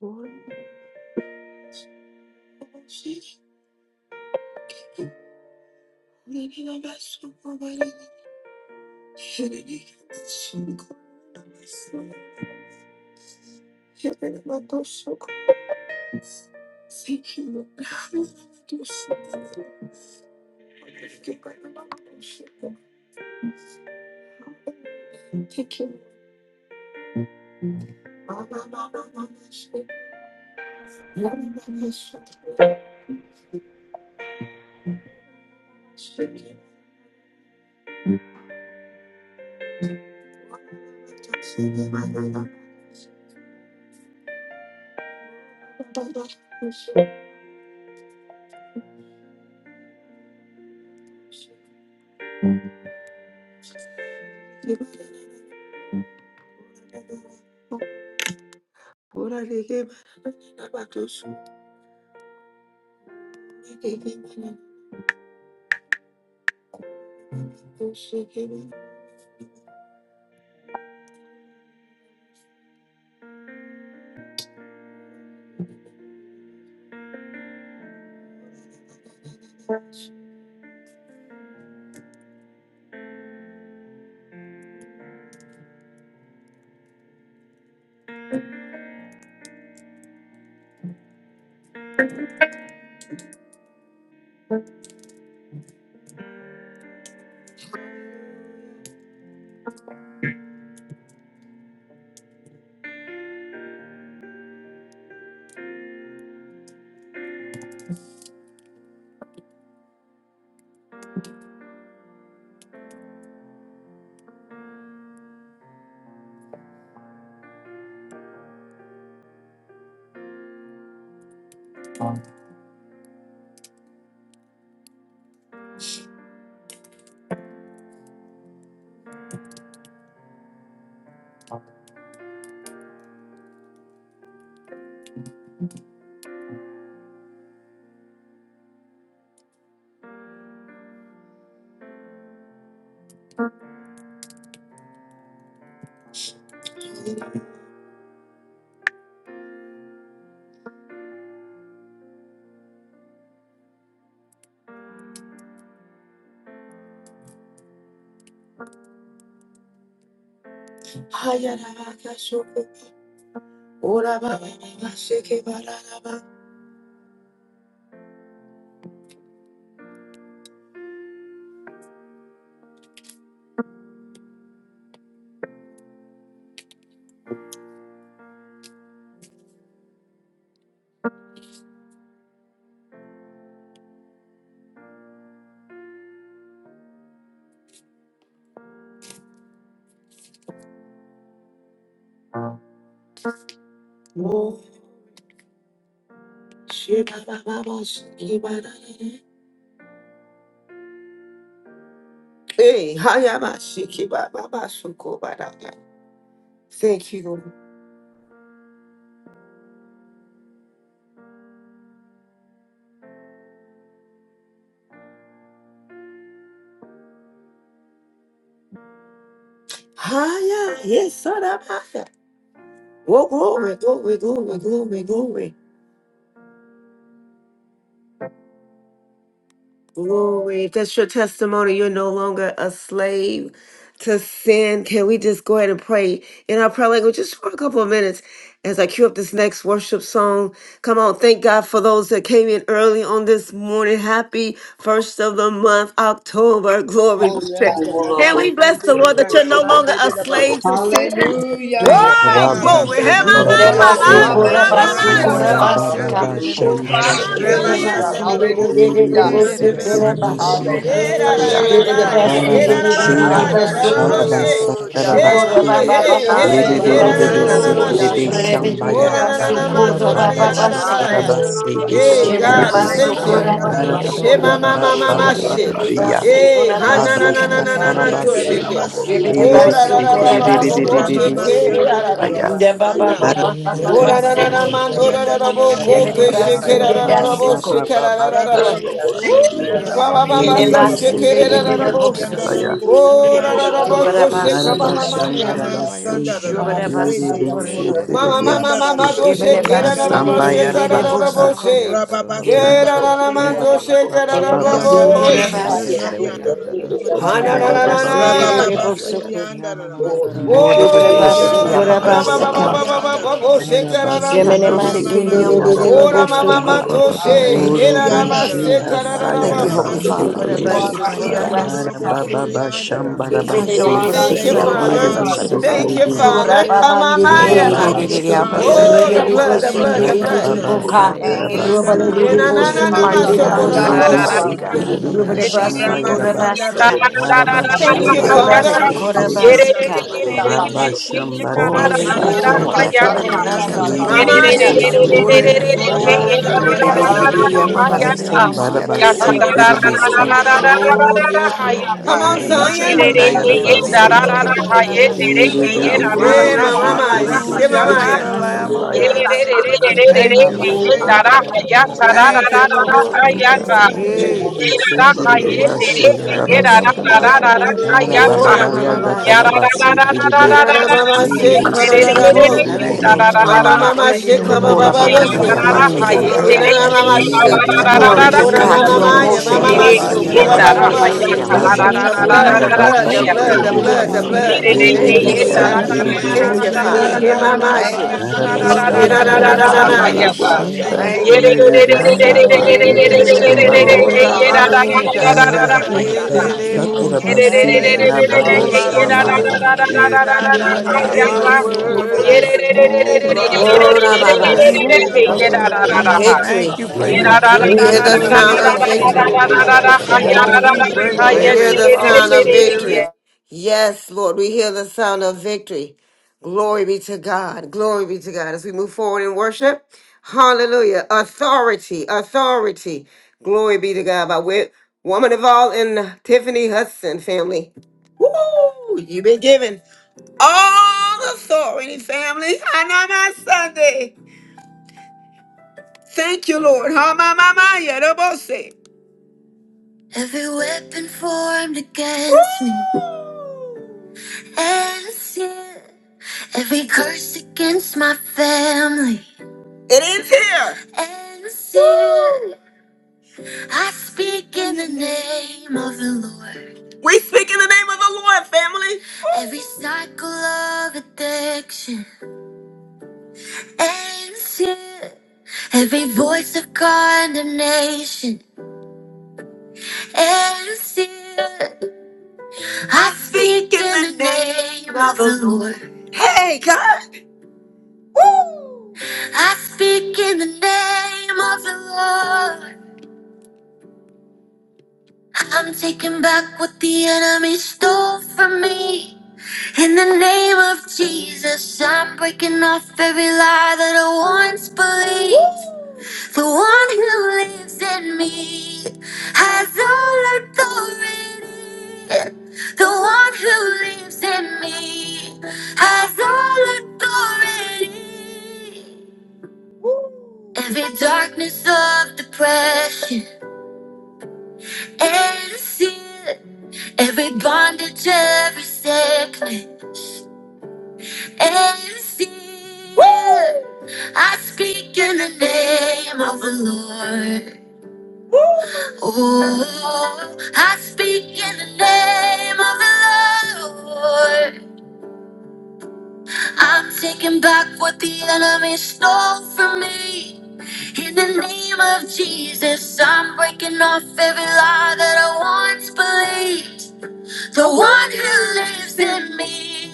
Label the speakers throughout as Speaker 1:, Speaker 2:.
Speaker 1: Thank you. Thank you. Rabakosho, Kevin, Kosho, Kevin, Hayarabaka, Shoko, Oraba, Shake, Baraba, O Shibaba, Shiki, Baraba, Hey, hayabashiki baba basuko baraya. Thank you, Lord. Haya, yes, sarabaya. Oh, glory, glory, glory, glory, glory. Glory. If that's your testimony, you're no longer a slave to sin. Can we just go ahead and pray in our prayer language just for a couple of minutes as I cue up this next worship song? Come on, thank God for those that came in early on this morning. Happy first of the month, October. Glory be to God.
Speaker 2: Orianda
Speaker 1: Can we bless the
Speaker 2: Rabasende de
Speaker 1: Lord that you're no longer
Speaker 2: Bashande
Speaker 1: a
Speaker 2: de
Speaker 1: slave to sin?
Speaker 2: Rabase.
Speaker 3: Hallelujah.
Speaker 4: Hallelujah.
Speaker 2: Thank you,
Speaker 1: Whoa,
Speaker 4: Thank
Speaker 3: Thank
Speaker 2: Father.
Speaker 4: you,
Speaker 3: you,
Speaker 1: glory. Come
Speaker 5: Shibidi
Speaker 4: Jesus.
Speaker 3: Jesus.
Speaker 2: Ramasande de
Speaker 6: Rabashakarabaseya
Speaker 3: Glory,
Speaker 5: basunde
Speaker 3: glory,
Speaker 2: Rabosianda
Speaker 4: Hallelujah,
Speaker 7: Yadarabaya
Speaker 3: glory
Speaker 4: God.
Speaker 3: to
Speaker 7: soko
Speaker 3: God.
Speaker 2: Ramashande.
Speaker 6: Arababa
Speaker 8: Yes,
Speaker 4: Oh,
Speaker 7: yerebeya
Speaker 6: Shambara
Speaker 4: I
Speaker 1: on,
Speaker 3: Hallelujah.
Speaker 4: praise
Speaker 7: rabaya
Speaker 1: Zion.
Speaker 4: you.
Speaker 3: No
Speaker 2: Ramasanda
Speaker 7: hai.
Speaker 2: de
Speaker 3: longer afraid.
Speaker 4: Hallelujah.
Speaker 2: Rabosotorianda
Speaker 3: Hallelujah.
Speaker 2: de
Speaker 7: Yerebeya
Speaker 2: Ramash.
Speaker 9: da
Speaker 7: darabaya
Speaker 3: Thank
Speaker 9: da da bo
Speaker 7: soko
Speaker 9: da
Speaker 6: Iribisitiribishaya
Speaker 9: ya
Speaker 2: Yanda
Speaker 9: da da
Speaker 2: de
Speaker 4: Hallelujah.
Speaker 9: ya da
Speaker 1: Yerarararabaya,
Speaker 9: da
Speaker 7: yerebeya
Speaker 9: da na na na na na
Speaker 2: Rabosotanda
Speaker 9: da
Speaker 6: Arabashaya
Speaker 2: de
Speaker 9: da
Speaker 1: yerarararabaya,
Speaker 7: sicherebeya
Speaker 9: bo da da
Speaker 7: daya.
Speaker 9: da da ya
Speaker 2: Rabashanda.
Speaker 9: da
Speaker 1: raraboshe.
Speaker 10: Lord,
Speaker 9: ba ba ya
Speaker 4: Hallelujah.
Speaker 9: ya
Speaker 7: Roba
Speaker 9: da
Speaker 1: Hey, da da
Speaker 6: Arabasakarabase
Speaker 1: hey,
Speaker 2: Ramamasanda
Speaker 7: bakasha
Speaker 2: de
Speaker 7: ta
Speaker 10: Hallelujah,
Speaker 1: hey,
Speaker 9: yo na
Speaker 1: hey,
Speaker 9: na
Speaker 1: na
Speaker 9: da
Speaker 1: na na
Speaker 9: da
Speaker 7: yerebeya
Speaker 2: Rabosorianda
Speaker 1: na
Speaker 9: da
Speaker 2: de
Speaker 9: da
Speaker 1: na
Speaker 9: da bo
Speaker 2: Rabase.
Speaker 4: Hallelujah.
Speaker 9: da
Speaker 1: mashi.
Speaker 7: darabaya
Speaker 9: ya da
Speaker 4: Thank
Speaker 9: da
Speaker 7: soko
Speaker 9: da
Speaker 4: you,
Speaker 9: da da
Speaker 1: Oh,
Speaker 6: Iribibibisitiribishambaya
Speaker 1: na na
Speaker 2: Ianda
Speaker 9: da
Speaker 1: na
Speaker 2: de
Speaker 4: Father.
Speaker 1: na
Speaker 9: ya na
Speaker 1: ma
Speaker 7: beyanda
Speaker 1: to da da ya,
Speaker 7: darabaya.
Speaker 1: da
Speaker 2: Ramasorianda
Speaker 1: da
Speaker 2: de
Speaker 1: da ya.
Speaker 2: Rabasu.
Speaker 6: Rabashakarabase
Speaker 1: Hey,
Speaker 9: yo da
Speaker 4: Hallelujah.
Speaker 9: da
Speaker 1: God,
Speaker 7: Yadarabaya
Speaker 9: da da
Speaker 6: Isikiribi
Speaker 4: Thank
Speaker 9: da
Speaker 7: sata
Speaker 1: thank
Speaker 9: da
Speaker 4: you,
Speaker 1: you.
Speaker 9: da da
Speaker 2: Ramamasanda
Speaker 9: da
Speaker 2: de
Speaker 9: ya da
Speaker 4: Jesus.
Speaker 9: da
Speaker 2: Rabasu.
Speaker 7: yerebeya
Speaker 9: da
Speaker 1: she
Speaker 9: da
Speaker 1: ma
Speaker 9: da da
Speaker 1: ma
Speaker 9: ya
Speaker 6: Arabashambara
Speaker 1: ma
Speaker 7: darabaya
Speaker 9: na
Speaker 1: ma
Speaker 9: na da
Speaker 1: ma
Speaker 9: da
Speaker 7: soko
Speaker 9: da
Speaker 1: she.
Speaker 9: bo da
Speaker 6: Bababaseya
Speaker 9: ya
Speaker 7: yerebeya.
Speaker 9: da da da
Speaker 1: Hey,
Speaker 9: ya
Speaker 1: ha
Speaker 9: da da
Speaker 1: na
Speaker 9: ba
Speaker 1: na
Speaker 2: Ianda
Speaker 9: ba
Speaker 1: na na
Speaker 9: ba
Speaker 1: na na
Speaker 7: Ye
Speaker 1: ma
Speaker 7: re re
Speaker 1: to
Speaker 2: Ramosorianda
Speaker 7: be
Speaker 6: Rabashakarabase
Speaker 2: de
Speaker 1: shake
Speaker 9: na
Speaker 1: it.
Speaker 7: yanda
Speaker 9: na
Speaker 7: ra
Speaker 9: na
Speaker 7: ra
Speaker 9: na
Speaker 7: ba
Speaker 9: na
Speaker 2: Ramasete
Speaker 9: na
Speaker 1: Oh,
Speaker 9: na
Speaker 7: yanda
Speaker 1: da
Speaker 9: da
Speaker 7: ra
Speaker 1: da
Speaker 2: Rabas.
Speaker 9: da
Speaker 7: ra
Speaker 1: da
Speaker 9: bo
Speaker 7: ba
Speaker 1: ba
Speaker 7: ya
Speaker 9: da
Speaker 1: ba
Speaker 9: ya
Speaker 1: ba
Speaker 7: sa
Speaker 9: da
Speaker 1: ba
Speaker 7: ta
Speaker 1: hanananananamatosheke.
Speaker 9: da
Speaker 7: ye
Speaker 9: ba
Speaker 7: re ra
Speaker 9: ya da
Speaker 7: ba
Speaker 9: da
Speaker 2: Ramama
Speaker 9: bo
Speaker 7: yanda
Speaker 9: da
Speaker 7: ra
Speaker 2: Sande
Speaker 9: ya
Speaker 7: ra
Speaker 2: de
Speaker 9: da
Speaker 7: ba
Speaker 1: Orararababababo
Speaker 9: da
Speaker 1: sheke,
Speaker 7: ya
Speaker 9: ba
Speaker 6: Iribisitiribibibibibishaya
Speaker 7: so
Speaker 9: ba
Speaker 7: ko.
Speaker 2: Robosanda,
Speaker 6: Ara
Speaker 7: Yo
Speaker 9: yo
Speaker 7: re
Speaker 9: na
Speaker 7: ra
Speaker 1: Ora
Speaker 9: na
Speaker 7: ba
Speaker 1: ra
Speaker 9: da
Speaker 1: ra
Speaker 6: shanda
Speaker 9: da
Speaker 7: ya
Speaker 1: ra
Speaker 9: da
Speaker 7: sha
Speaker 6: bara
Speaker 1: ma
Speaker 9: ya
Speaker 7: ta
Speaker 9: da
Speaker 7: ye
Speaker 1: no
Speaker 9: da
Speaker 7: re
Speaker 1: ra ra
Speaker 7: re
Speaker 1: ra
Speaker 2: Yandana
Speaker 7: be
Speaker 1: bo
Speaker 10: Rebecia,
Speaker 7: yanda
Speaker 2: Ramo
Speaker 9: ya
Speaker 7: ra
Speaker 1: ko
Speaker 9: na
Speaker 7: ra
Speaker 9: na
Speaker 7: ba
Speaker 1: ke
Speaker 9: na
Speaker 1: she
Speaker 9: na
Speaker 10: Babasota,
Speaker 9: da
Speaker 7: yanda
Speaker 2: Sorianda
Speaker 1: ke
Speaker 7: ra
Speaker 9: da
Speaker 1: ra
Speaker 7: ra
Speaker 9: da
Speaker 1: ra
Speaker 7: ba
Speaker 1: ra
Speaker 9: bo
Speaker 7: ya
Speaker 1: ra
Speaker 9: shi
Speaker 1: bo
Speaker 9: ya
Speaker 7: sa
Speaker 2: Rabashata,
Speaker 9: da
Speaker 1: she
Speaker 9: da
Speaker 5: basuko,
Speaker 1: ke
Speaker 10: Yarabasiande,
Speaker 7: ta.
Speaker 1: ra
Speaker 9: ya
Speaker 1: ra
Speaker 9: da
Speaker 1: ra
Speaker 9: da
Speaker 1: ra
Speaker 9: bo
Speaker 1: ba.
Speaker 9: shi ya
Speaker 2: Rabababo
Speaker 10: Andia,
Speaker 9: da da
Speaker 4: Thank you.
Speaker 10: Sota,
Speaker 2: Sorianda
Speaker 7: Ye
Speaker 1: Woo!
Speaker 7: re
Speaker 1: Ba
Speaker 8: Is
Speaker 7: re
Speaker 8: the
Speaker 1: ba
Speaker 7: be
Speaker 1: ba
Speaker 7: ya
Speaker 8: K
Speaker 1: ba
Speaker 7: si
Speaker 10: Yarabasicia,
Speaker 1: ka
Speaker 7: ti ye
Speaker 2: Rabasekeyan,
Speaker 1: she
Speaker 7: re re
Speaker 1: ke
Speaker 7: be
Speaker 1: ra
Speaker 10: Babasu.
Speaker 1: ra ra
Speaker 7: yanda
Speaker 1: ra
Speaker 7: ra ra
Speaker 9: Yeah,
Speaker 7: ba
Speaker 1: bo.
Speaker 5: Elemasundeleleboksu,
Speaker 7: ya
Speaker 2: Yandana
Speaker 7: so to
Speaker 2: Rabo
Speaker 7: ye re ra
Speaker 1: Ko
Speaker 7: ba
Speaker 1: ra ra
Speaker 2: Sorianda
Speaker 1: ra
Speaker 7: yanda
Speaker 1: bo
Speaker 7: ya.
Speaker 1: ko
Speaker 2: Rabas,
Speaker 1: she ka ma ma
Speaker 5: shobarabasaka,
Speaker 1: ma
Speaker 8: nine
Speaker 7: Shi
Speaker 1: ya.
Speaker 7: ya la la
Speaker 2: Raman
Speaker 7: ba
Speaker 2: Sanda
Speaker 7: yanda ra
Speaker 8: in
Speaker 7: ra ba ya so ko
Speaker 2: Rabasete,
Speaker 7: Yere Yorarabaya
Speaker 5: shobarabasokoraba,
Speaker 8: I
Speaker 1: Ma ma ma ma ma
Speaker 2: Yandana
Speaker 1: ma do she ke
Speaker 8: Ikiri
Speaker 7: Shatayerebeyandararabayandararabayasata. Yererebeyastichiererebeyandararabayasoto yererebayandaya. Shiyalalabayandararabayasoko ko
Speaker 1: ra ra
Speaker 2: Ramasorianda
Speaker 1: ra
Speaker 8: baba
Speaker 1: ba she
Speaker 8: baba
Speaker 1: ka ra ra
Speaker 2: Ramasotoro,
Speaker 1: ra
Speaker 8: shit.
Speaker 1: bo
Speaker 5: shebelebasundeleleboksuko,
Speaker 1: she. Ke
Speaker 2: Rababasanda
Speaker 1: ra ra ra
Speaker 2: Rabas,
Speaker 1: ma do she
Speaker 7: Shandararabayandararabayasoko
Speaker 1: ka ra ra ba
Speaker 8: Ina
Speaker 2: Yandana
Speaker 1: bo.
Speaker 7: Yedarabayasa,
Speaker 8: yoro
Speaker 5: elemasokorabasaka,
Speaker 2: Ramasetarianda
Speaker 7: Toyedarabayanda,
Speaker 2: Ramos,
Speaker 1: Ha na
Speaker 7: Darabayasa,
Speaker 1: na na na
Speaker 8: insana
Speaker 1: na.
Speaker 7: Toyedarabayanda,
Speaker 8: shit.
Speaker 2: Rabababa
Speaker 5: shebelebasundeleleboksuko,
Speaker 7: Darabayasa,
Speaker 2: Sorianda Ramas,
Speaker 11: Ore beke sekia
Speaker 2: Yandana
Speaker 1: Woo! Ra
Speaker 11: bahandri
Speaker 7: Yedarabayasa,
Speaker 1: ba ba ba
Speaker 5: shobarabasokorabasaka,
Speaker 1: ba ba
Speaker 11: alabasat.
Speaker 1: ba
Speaker 2: Ramasotorianda
Speaker 1: ba
Speaker 7: Koyalarabayanda,
Speaker 8: Ina
Speaker 1: bo
Speaker 2: Rabas.
Speaker 1: she
Speaker 8: yoro
Speaker 1: ka ra
Speaker 7: Darabayasa,
Speaker 1: ra.
Speaker 11: Kando
Speaker 8: insana.
Speaker 2: Rama
Speaker 7: Toyedarabayanda,
Speaker 2: Ramamama
Speaker 11: sekeria bo
Speaker 7: Darabayaha,
Speaker 2: Surianda
Speaker 1: Ora
Speaker 11: sekia
Speaker 1: mama
Speaker 11: satata
Speaker 8: O
Speaker 5: shemenemasundeleleboksuko,
Speaker 2: Rabase.
Speaker 1: mato
Speaker 8: baba
Speaker 11: patata
Speaker 4: Hallelujah.
Speaker 1: she
Speaker 8: baba
Speaker 11: tatata.
Speaker 1: hera
Speaker 7: Shirarabayasa,
Speaker 1: raba
Speaker 4: Thank
Speaker 2: Ianda
Speaker 8: shit.
Speaker 4: you,
Speaker 1: se
Speaker 6: Urubushi
Speaker 7: Koyedarabayanda,
Speaker 2: Rabasanda
Speaker 11: Thank
Speaker 1: kararaba
Speaker 11: you, Holy
Speaker 8: Insana
Speaker 7: Darabayanda,
Speaker 2: Rabase.
Speaker 6: Hasayarabasi
Speaker 11: Father.
Speaker 8: delivery
Speaker 11: Thank
Speaker 6: Tiribi
Speaker 4: Lord.
Speaker 8: of
Speaker 11: you,
Speaker 7: Darabayaha,
Speaker 4: I
Speaker 11: mighty God.
Speaker 2: Iando
Speaker 4: praise
Speaker 8: saya.
Speaker 4: you.
Speaker 5: shobarabasokorabasaka,
Speaker 2: Rabo
Speaker 6: Arababa
Speaker 4: Hallelujah.
Speaker 2: Surianda
Speaker 9: Yeah,
Speaker 7: Shirarabayasa,
Speaker 2: Rabase.
Speaker 11: Ikandolo
Speaker 6: Shambarabasi
Speaker 11: bo
Speaker 4: Lord, I
Speaker 7: Toyedarabayanda,
Speaker 1: Thank you,
Speaker 5: beleleboksa,
Speaker 11: sekia
Speaker 8: Delivery
Speaker 2: Thank you,
Speaker 8: of
Speaker 1: Father.
Speaker 11: albayela
Speaker 7: Darabayasa,
Speaker 4: glorify
Speaker 8: sun
Speaker 2: Father.
Speaker 4: you.
Speaker 6: Tiribisi
Speaker 7: Ko,
Speaker 11: satatia
Speaker 8: delivery
Speaker 1: Thank
Speaker 8: of
Speaker 1: you,
Speaker 6: Tiribi
Speaker 11: paset.
Speaker 2: Thank
Speaker 8: sleep.
Speaker 2: you,
Speaker 4: Hallelujah.
Speaker 1: Father.
Speaker 2: Lord.
Speaker 4: God,
Speaker 8: Thank
Speaker 11: Hey,
Speaker 8: you
Speaker 5: korababandeliboka,
Speaker 8: for
Speaker 11: de
Speaker 1: Amamayama.
Speaker 4: I
Speaker 6: Arababa
Speaker 11: de
Speaker 8: the
Speaker 2: Thank you,
Speaker 11: de de
Speaker 8: delivery
Speaker 11: aba
Speaker 8: of
Speaker 2: Father.
Speaker 4: magnify
Speaker 1: Oh,
Speaker 8: sleep.
Speaker 4: you.
Speaker 6: Shambayaraba
Speaker 11: sekia
Speaker 1: the
Speaker 5: Rebede
Speaker 7: Yedarabayanda,
Speaker 1: blood, the
Speaker 11: albayela.
Speaker 2: Thank
Speaker 1: blood,
Speaker 2: you,
Speaker 5: bosundi
Speaker 1: the
Speaker 5: di
Speaker 11: Thank you,
Speaker 5: di
Speaker 7: Darabayasa,
Speaker 1: blood.
Speaker 5: di
Speaker 2: Father.
Speaker 11: Jesus.
Speaker 6: Rababa
Speaker 8: Baba
Speaker 5: boka.
Speaker 4: Hallelujah.
Speaker 8: baba
Speaker 7: Toyedarabayasa,
Speaker 4: Thank
Speaker 2: Orianda
Speaker 5: Robale
Speaker 4: you,
Speaker 8: shit.
Speaker 6: Satarabasi
Speaker 5: di di
Speaker 6: Tiribi
Speaker 7: Toyedarabayanda,
Speaker 11: Oh,
Speaker 4: Jesus.
Speaker 2: Ramasianda
Speaker 5: bosundi di
Speaker 8: And
Speaker 11: mighty
Speaker 8: the
Speaker 5: di di
Speaker 7: Darabayaha,
Speaker 11: God,
Speaker 4: Hashakanda
Speaker 8: delivery
Speaker 4: la
Speaker 8: of
Speaker 11: mighty,
Speaker 4: la
Speaker 5: bosoko.
Speaker 2: Ramasorianda
Speaker 4: la.
Speaker 1: Inanananamasokorodobosi.
Speaker 11: mighty
Speaker 6: Tiribisi
Speaker 8: sun
Speaker 11: God.
Speaker 2: Rabase.
Speaker 6: Tiribi
Speaker 5: Rebede
Speaker 7: Yedarabayanda,
Speaker 5: basu
Speaker 6: Hashambayaraba
Speaker 7: Darabayasa,
Speaker 2: Ramasanda
Speaker 11: Thank
Speaker 5: korabasaka.
Speaker 11: you,
Speaker 2: Rabase.
Speaker 6: Araba
Speaker 11: Jesus.
Speaker 4: shakanda
Speaker 7: Koyedarabayanda,
Speaker 4: la
Speaker 8: Ina
Speaker 4: la la
Speaker 1: Thank you,
Speaker 8: yoro
Speaker 4: la.
Speaker 5: Rebede
Speaker 2: Ianda
Speaker 7: Hallelujah.
Speaker 4: Thank
Speaker 8: delivery
Speaker 11: Thank
Speaker 4: you,
Speaker 5: basu
Speaker 8: of
Speaker 1: Father.
Speaker 11: you,
Speaker 6: Shambarabasi
Speaker 2: Rabo
Speaker 11: Jesus.
Speaker 4: Father.
Speaker 8: sun
Speaker 11: Thank
Speaker 6: Tiribi
Speaker 2: Sorianda
Speaker 11: you,
Speaker 8: delivery
Speaker 5: korabasaka.
Speaker 8: of
Speaker 11: thank you.
Speaker 4: Hoshikinda la la
Speaker 6: Rabba
Speaker 7: Hallelujah,
Speaker 2: Rabashete.
Speaker 4: la. la.
Speaker 7: Jesus.
Speaker 12: Holy
Speaker 7: Thank
Speaker 6: Shambarabasi
Speaker 7: you,
Speaker 2: Ikanda
Speaker 8: saya.
Speaker 11: Thank you,
Speaker 4: Oh,
Speaker 11: Lord.
Speaker 6: Tiribi
Speaker 11: Thank
Speaker 7: Father.
Speaker 5: Rebede
Speaker 4: hashakanda
Speaker 2: Ramasutorianda
Speaker 4: la
Speaker 8: Baba
Speaker 4: la
Speaker 5: basundi
Speaker 12: Basakatari,
Speaker 5: di
Speaker 11: you,
Speaker 4: la
Speaker 5: di
Speaker 8: baba
Speaker 2: Rabase.
Speaker 5: di
Speaker 4: la.
Speaker 6: Tiribisi
Speaker 1: Mamaya.
Speaker 4: la.
Speaker 11: Lord.
Speaker 5: bosoko.
Speaker 8: baba.
Speaker 6: Tiribi
Speaker 12: Holy
Speaker 2: Robo
Speaker 6: Hashaya
Speaker 4: Oh,
Speaker 2: Sorianda
Speaker 5: Rebede
Speaker 12: Rabasika,
Speaker 11: Thank
Speaker 4: glory be to
Speaker 5: basundi
Speaker 6: Araba
Speaker 5: di
Speaker 4: your
Speaker 5: di
Speaker 8: Sunday,
Speaker 2: Ramashikanda
Speaker 4: name.
Speaker 5: bosoko.
Speaker 4: Thank you
Speaker 7: Robabakayererebeyandaradabayandoradabayasatayererebayahaya.
Speaker 12: Mama,
Speaker 4: for
Speaker 12: yes,
Speaker 6: Asambarabasi
Speaker 4: another
Speaker 2: Yanda da
Speaker 4: day,
Speaker 13: Yata.
Speaker 2: rabo
Speaker 4: Lord.
Speaker 6: Tiribisi
Speaker 2: sori
Speaker 11: you, Jesus.
Speaker 2: da
Speaker 12: oh,
Speaker 2: rabas.
Speaker 12: yes, Lord.
Speaker 1: Come on,
Speaker 2: Hey,
Speaker 12: We say
Speaker 2: yanda
Speaker 1: Zion.
Speaker 5: Rebede
Speaker 2: da
Speaker 13: Yere
Speaker 6: Arabashamba
Speaker 5: di
Speaker 2: rabo
Speaker 13: te
Speaker 12: thank you,
Speaker 13: ye
Speaker 5: di
Speaker 2: sori
Speaker 13: da
Speaker 5: di
Speaker 6: yarabase.
Speaker 13: ra ra
Speaker 2: da
Speaker 5: basu
Speaker 13: ra
Speaker 12: Jesus.
Speaker 2: rabas.
Speaker 13: ha ye
Speaker 5: korabas.
Speaker 13: te re
Speaker 12: We
Speaker 6: iri
Speaker 13: te
Speaker 6: be
Speaker 13: ye
Speaker 2: Thank
Speaker 6: be
Speaker 2: you,
Speaker 12: shout
Speaker 13: ra
Speaker 6: be
Speaker 13: ra
Speaker 9: Yeah,
Speaker 13: ra
Speaker 6: be
Speaker 1: Eh,
Speaker 12: glory,
Speaker 13: ra
Speaker 2: Father.
Speaker 6: se
Speaker 13: ra ra
Speaker 1: mamama,
Speaker 6: tere
Speaker 13: ra
Speaker 6: be
Speaker 13: ha
Speaker 1: se
Speaker 13: ya
Speaker 6: se
Speaker 12: hallelujah
Speaker 13: ta.
Speaker 12: to
Speaker 2: Ramasanda
Speaker 5: De
Speaker 1: mamaya.
Speaker 2: da
Speaker 12: the
Speaker 2: rabo
Speaker 5: basu
Speaker 12: Lamb
Speaker 6: shamba
Speaker 12: of
Speaker 2: sori
Speaker 13: Yere
Speaker 12: God.
Speaker 13: re
Speaker 6: yaraba.
Speaker 2: da
Speaker 13: re re
Speaker 5: korabasaka.
Speaker 13: re
Speaker 2: rabas.
Speaker 13: re re re
Speaker 12: Thank you,
Speaker 13: he ye
Speaker 12: Lord.
Speaker 13: da
Speaker 6: Rabashamba
Speaker 2: Thank you,
Speaker 13: ra ha
Speaker 2: Father.
Speaker 13: ya ta ra ra
Speaker 5: Rebede
Speaker 12: Thank
Speaker 13: ra
Speaker 12: you,
Speaker 5: di bosoko. Rebede basu korabasundi di
Speaker 2: Thank
Speaker 13: ra
Speaker 2: you,
Speaker 13: ra ha
Speaker 2: Lord.
Speaker 12: Lord.
Speaker 6: yarabase.
Speaker 5: basuko. Rebede di di
Speaker 13: ya ta.
Speaker 2: Thank you.
Speaker 6: iri be
Speaker 12: Hey,
Speaker 13: Ye
Speaker 2: Thank
Speaker 6: se
Speaker 13: da
Speaker 2: you.
Speaker 13: ra ha
Speaker 6: tere be
Speaker 13: ye
Speaker 12: what
Speaker 13: te
Speaker 6: hashe
Speaker 13: re
Speaker 2: Thank
Speaker 12: is
Speaker 13: te
Speaker 2: you.
Speaker 12: that?
Speaker 13: ye ra ra ra
Speaker 6: yarabasamba.
Speaker 2: Orianda da
Speaker 13: ha
Speaker 2: rabo
Speaker 13: ya
Speaker 2: si
Speaker 1: Oh,
Speaker 13: ta.
Speaker 6: Arababa
Speaker 1: la
Speaker 2: da
Speaker 13: Ya
Speaker 2: rabas.
Speaker 13: ra
Speaker 1: bababashi.
Speaker 13: ra ra
Speaker 6: yagatarabase
Speaker 13: ra
Speaker 12: Da,
Speaker 6: tere be.
Speaker 2: Thank you,
Speaker 12: da, da.
Speaker 1: Inanamama
Speaker 2: Father.
Speaker 13: ha
Speaker 6: iri
Speaker 13: ye
Speaker 1: se
Speaker 6: be se
Speaker 13: re
Speaker 6: tere
Speaker 13: re
Speaker 6: be
Speaker 13: re
Speaker 6: be
Speaker 13: re
Speaker 1: korororabo.
Speaker 6: be
Speaker 12: That
Speaker 13: re
Speaker 6: be
Speaker 12: ain't
Speaker 13: da
Speaker 6: be.
Speaker 12: no
Speaker 13: ra ra
Speaker 1: Mama
Speaker 7: Shiyalalabayandarabaya
Speaker 1: mama
Speaker 12: tongues.
Speaker 2: Thank
Speaker 1: se
Speaker 2: you, Lord.
Speaker 11: Ola
Speaker 5: di bala
Speaker 6: Arabashamba
Speaker 1: kababababose.
Speaker 5: bala
Speaker 11: makanadia
Speaker 5: di
Speaker 2: Thank you,
Speaker 7: sokoyererebeyandarabaya
Speaker 12: Mm-mm.
Speaker 6: yarabase.
Speaker 5: bosi.
Speaker 11: masekeria
Speaker 1: Yena
Speaker 12: Holy
Speaker 2: Father.
Speaker 11: kata.
Speaker 1: na
Speaker 7: satayarabaya.
Speaker 1: na
Speaker 5: Shubba
Speaker 6: Ere
Speaker 12: Basika,
Speaker 1: shi.
Speaker 6: be be
Speaker 11: Glory
Speaker 6: be
Speaker 2: Thank
Speaker 11: to
Speaker 12: Tabai.
Speaker 2: you,
Speaker 5: Shubba
Speaker 1: Ora
Speaker 6: se
Speaker 11: God.
Speaker 2: Lord
Speaker 1: mama
Speaker 6: tere
Speaker 13: Yerabararahayedereyerabarabararahayata.
Speaker 11: Tio
Speaker 6: be
Speaker 2: Jesus.
Speaker 11: mo
Speaker 7: Shiyarabaya
Speaker 1: maya,
Speaker 6: she
Speaker 1: mama
Speaker 11: sekele
Speaker 6: hasa
Speaker 1: maso, ko
Speaker 11: bidiria
Speaker 1: ba
Speaker 12: Walabasa
Speaker 6: yaraba.
Speaker 1: ba
Speaker 2: Thank
Speaker 1: ba
Speaker 2: you,
Speaker 11: mahayra
Speaker 1: ba shi.
Speaker 2: Father.
Speaker 11: sanadia
Speaker 13: Yehidarahayata,
Speaker 12: yedede
Speaker 8: Don't
Speaker 2: Thank
Speaker 7: satayarerebeyandarabaya.
Speaker 11: masat.
Speaker 2: you
Speaker 1: The
Speaker 2: so
Speaker 6: Rabashamba
Speaker 1: blood,
Speaker 2: much.
Speaker 8: mercy,
Speaker 1: the
Speaker 12: bokosha.
Speaker 1: blood,
Speaker 6: yarabase
Speaker 1: the
Speaker 8: Papa,
Speaker 4: Thank you,
Speaker 13: rarararararahayata.
Speaker 1: blood,
Speaker 6: tere
Speaker 2: Thank
Speaker 1: the
Speaker 2: you,
Speaker 6: be.
Speaker 4: God.
Speaker 7: Shiyarabaya
Speaker 2: Lord
Speaker 1: blood, the
Speaker 8: she.
Speaker 1: blood.
Speaker 2: Jesus.
Speaker 4: Hashakanda.
Speaker 12: Omasite
Speaker 4: No
Speaker 1: Thank you,
Speaker 4: more
Speaker 8: Thank
Speaker 6: Tiribisi,
Speaker 1: Lord.
Speaker 12: didia
Speaker 2: Thank
Speaker 4: silence
Speaker 2: you,
Speaker 4: in
Speaker 7: sokoyererebeyandarabaya.
Speaker 6: tiribi,
Speaker 4: this.
Speaker 2: thank
Speaker 12: soko
Speaker 1: Thank
Speaker 2: you,
Speaker 1: you,
Speaker 2: thank
Speaker 1: Father.
Speaker 4: Hey,
Speaker 2: you.
Speaker 1: Here
Speaker 7: Hayalalabaya
Speaker 12: shara
Speaker 1: mama
Speaker 4: thank
Speaker 1: shi.
Speaker 4: you,
Speaker 12: dabase.
Speaker 4: Jesus.
Speaker 6: karabashamba,
Speaker 7: satayarabayandarabaya.
Speaker 1: Yena na na
Speaker 2: Yandanarabosoria.
Speaker 1: na na
Speaker 6: rabasi,
Speaker 5: basunde
Speaker 1: na.
Speaker 12: Omala
Speaker 6: tiribi,
Speaker 2: I'm
Speaker 12: labaso
Speaker 7: My
Speaker 2: thankful.
Speaker 4: Thank
Speaker 12: kore
Speaker 7: God,
Speaker 12: da
Speaker 6: tiribisi,
Speaker 9: Hallelujah.
Speaker 6: tiribi,
Speaker 12: dabasia.
Speaker 9: Thank
Speaker 4: Hey,
Speaker 7: shiyarabaya
Speaker 6: yashambaya,
Speaker 4: glory. Ha, sha, ta,
Speaker 12: Korabasi
Speaker 4: na, la,
Speaker 7: sokoyererebeyandarabaya
Speaker 4: la, la,
Speaker 12: kandara
Speaker 4: la, sa,
Speaker 6: karabasa,
Speaker 2: Aramasoriandarabasha.
Speaker 4: ta.
Speaker 12: yedede
Speaker 7: satayarabaya.
Speaker 6: satarabasi,
Speaker 12: bosho.
Speaker 4: Thank
Speaker 2: Thank
Speaker 4: you,
Speaker 2: you,
Speaker 6: rababa,
Speaker 4: Father. You are
Speaker 6: shamba,
Speaker 2: thank
Speaker 7: Shiyarabaya
Speaker 2: you,
Speaker 4: worthy.
Speaker 6: rabasi,
Speaker 7: satayarabaya
Speaker 12: Kolalabashe na nada
Speaker 4: You
Speaker 2: thank
Speaker 4: are
Speaker 2: you,
Speaker 7: satayarabaya
Speaker 12: dabasi.
Speaker 2: Father.
Speaker 6: bashamba,
Speaker 7: satay.
Speaker 4: worthy.
Speaker 12: Oh
Speaker 2: Thank
Speaker 6: rabasi,
Speaker 2: you.
Speaker 12: God,
Speaker 4: You
Speaker 12: I
Speaker 4: are
Speaker 6: rabasa,
Speaker 1: Ora
Speaker 12: say
Speaker 7: Shirabaya
Speaker 1: mama.
Speaker 4: worthy.
Speaker 12: thank
Speaker 4: He,
Speaker 12: you,
Speaker 4: sha, ta,
Speaker 12: Lord.
Speaker 4: na, la, la, sa,
Speaker 7: Sokoyabaya
Speaker 1: Victory.
Speaker 12: Thank
Speaker 4: ta,
Speaker 12: you
Speaker 4: ta.
Speaker 12: for your
Speaker 7: Darabaya
Speaker 2: Ramasoriandaraboshiandarabasa.
Speaker 6: tiribisi,
Speaker 1: We
Speaker 4: You
Speaker 7: Haya.
Speaker 1: hear
Speaker 12: goodness
Speaker 4: are
Speaker 1: the
Speaker 12: and
Speaker 6: tiribi,
Speaker 12: your
Speaker 1: sound of
Speaker 4: worthy,
Speaker 12: mercy,
Speaker 1: victory.
Speaker 4: Heavenly
Speaker 12: Lord.
Speaker 6: karababa,
Speaker 7: Yerabaya
Speaker 4: Father.
Speaker 6: bababa,
Speaker 12: Oh,
Speaker 7: Darabaya
Speaker 12: we
Speaker 4: You
Speaker 6: rabasi,
Speaker 12: break
Speaker 4: are
Speaker 1: We hear
Speaker 12: every
Speaker 7: Satirabaya
Speaker 1: the
Speaker 12: false
Speaker 1: sound
Speaker 7: Haya.
Speaker 1: of
Speaker 2: Bandoboshiandarabosiandarabokoriandarabasa.
Speaker 4: worthy.
Speaker 6: tiribisi.
Speaker 1: victory.
Speaker 13: Yeah,
Speaker 12: spirit.
Speaker 4: Hello.
Speaker 1: Yes, Lord, we hear the sound of victory. Glory be to God. Glory be to God. As we move forward in worship, hallelujah. Authority, authority. Glory be to God. By wi- woman of all in Tiffany Hudson family. Woo! You've been given all authority, family. Hanama Sunday. Thank you, Lord. Ha, ma, ma, ma, ya, da, bo, se. Every weapon formed against me is here. Every curse against my family. It is here. Ends here. I speak in the name of the Lord. We speak in the name of the Lord, family. Every cycle of addiction. Ends here. Every voice of condemnation. Ends here. I speak in the name of the Lord. Hey, God. Woo! I speak in the name of the Lord. I'm taking back what the enemy stole from me. In the name of Jesus, I'm breaking off every lie that I once believed. The one who lives in me has all authority. The one who lives in me has all authority. Every darkness of depression and fear, every bondage, every sickness. AC. Woo! I speak in the name of the Lord. Woo! Oh, I speak in the name of the Lord. I'm taking back what the enemy stole from me. In the name of Jesus, I'm breaking off every lie that I once believed. The one who lives in me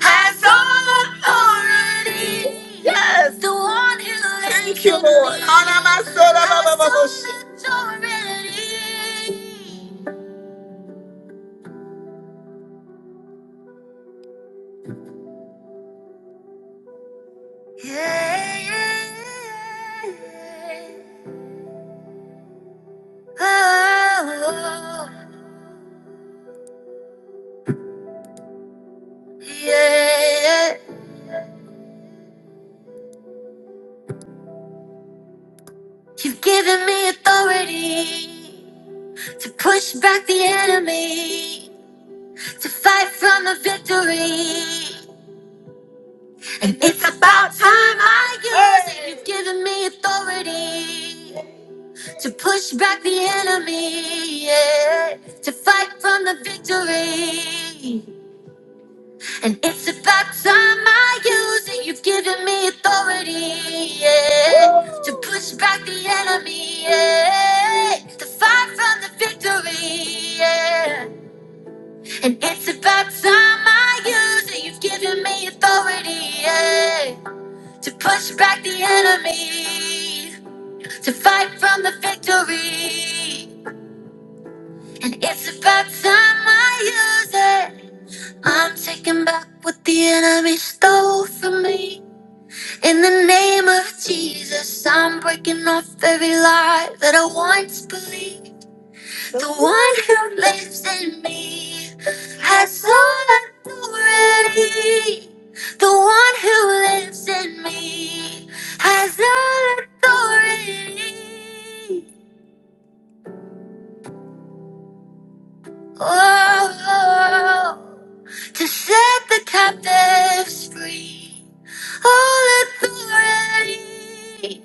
Speaker 1: has all authority. Yes. The one who lives Thank you, in Lord. me Anamasora has bababoshi. all authority. Yeah. Oh, yeah. You've given me authority to push back the enemy, to fight from a victory. And it's about time I use it. You've given me authority to push back the enemy, yeah, to fight from the victory. And it's about time I use it. You've given me authority, yeah, to push back the enemy, yeah, to fight from the victory, yeah. And it's about time I use it. You've given me authority, yeah to push back the enemy, to fight from the victory. And it's about time I use it. I'm taking back what the enemy stole from me. In the name of Jesus, I'm breaking off every lie that I once believed. The one who lives in me has all authority. The one who lives in me has all authority. Oh, to set the captives free. All authority.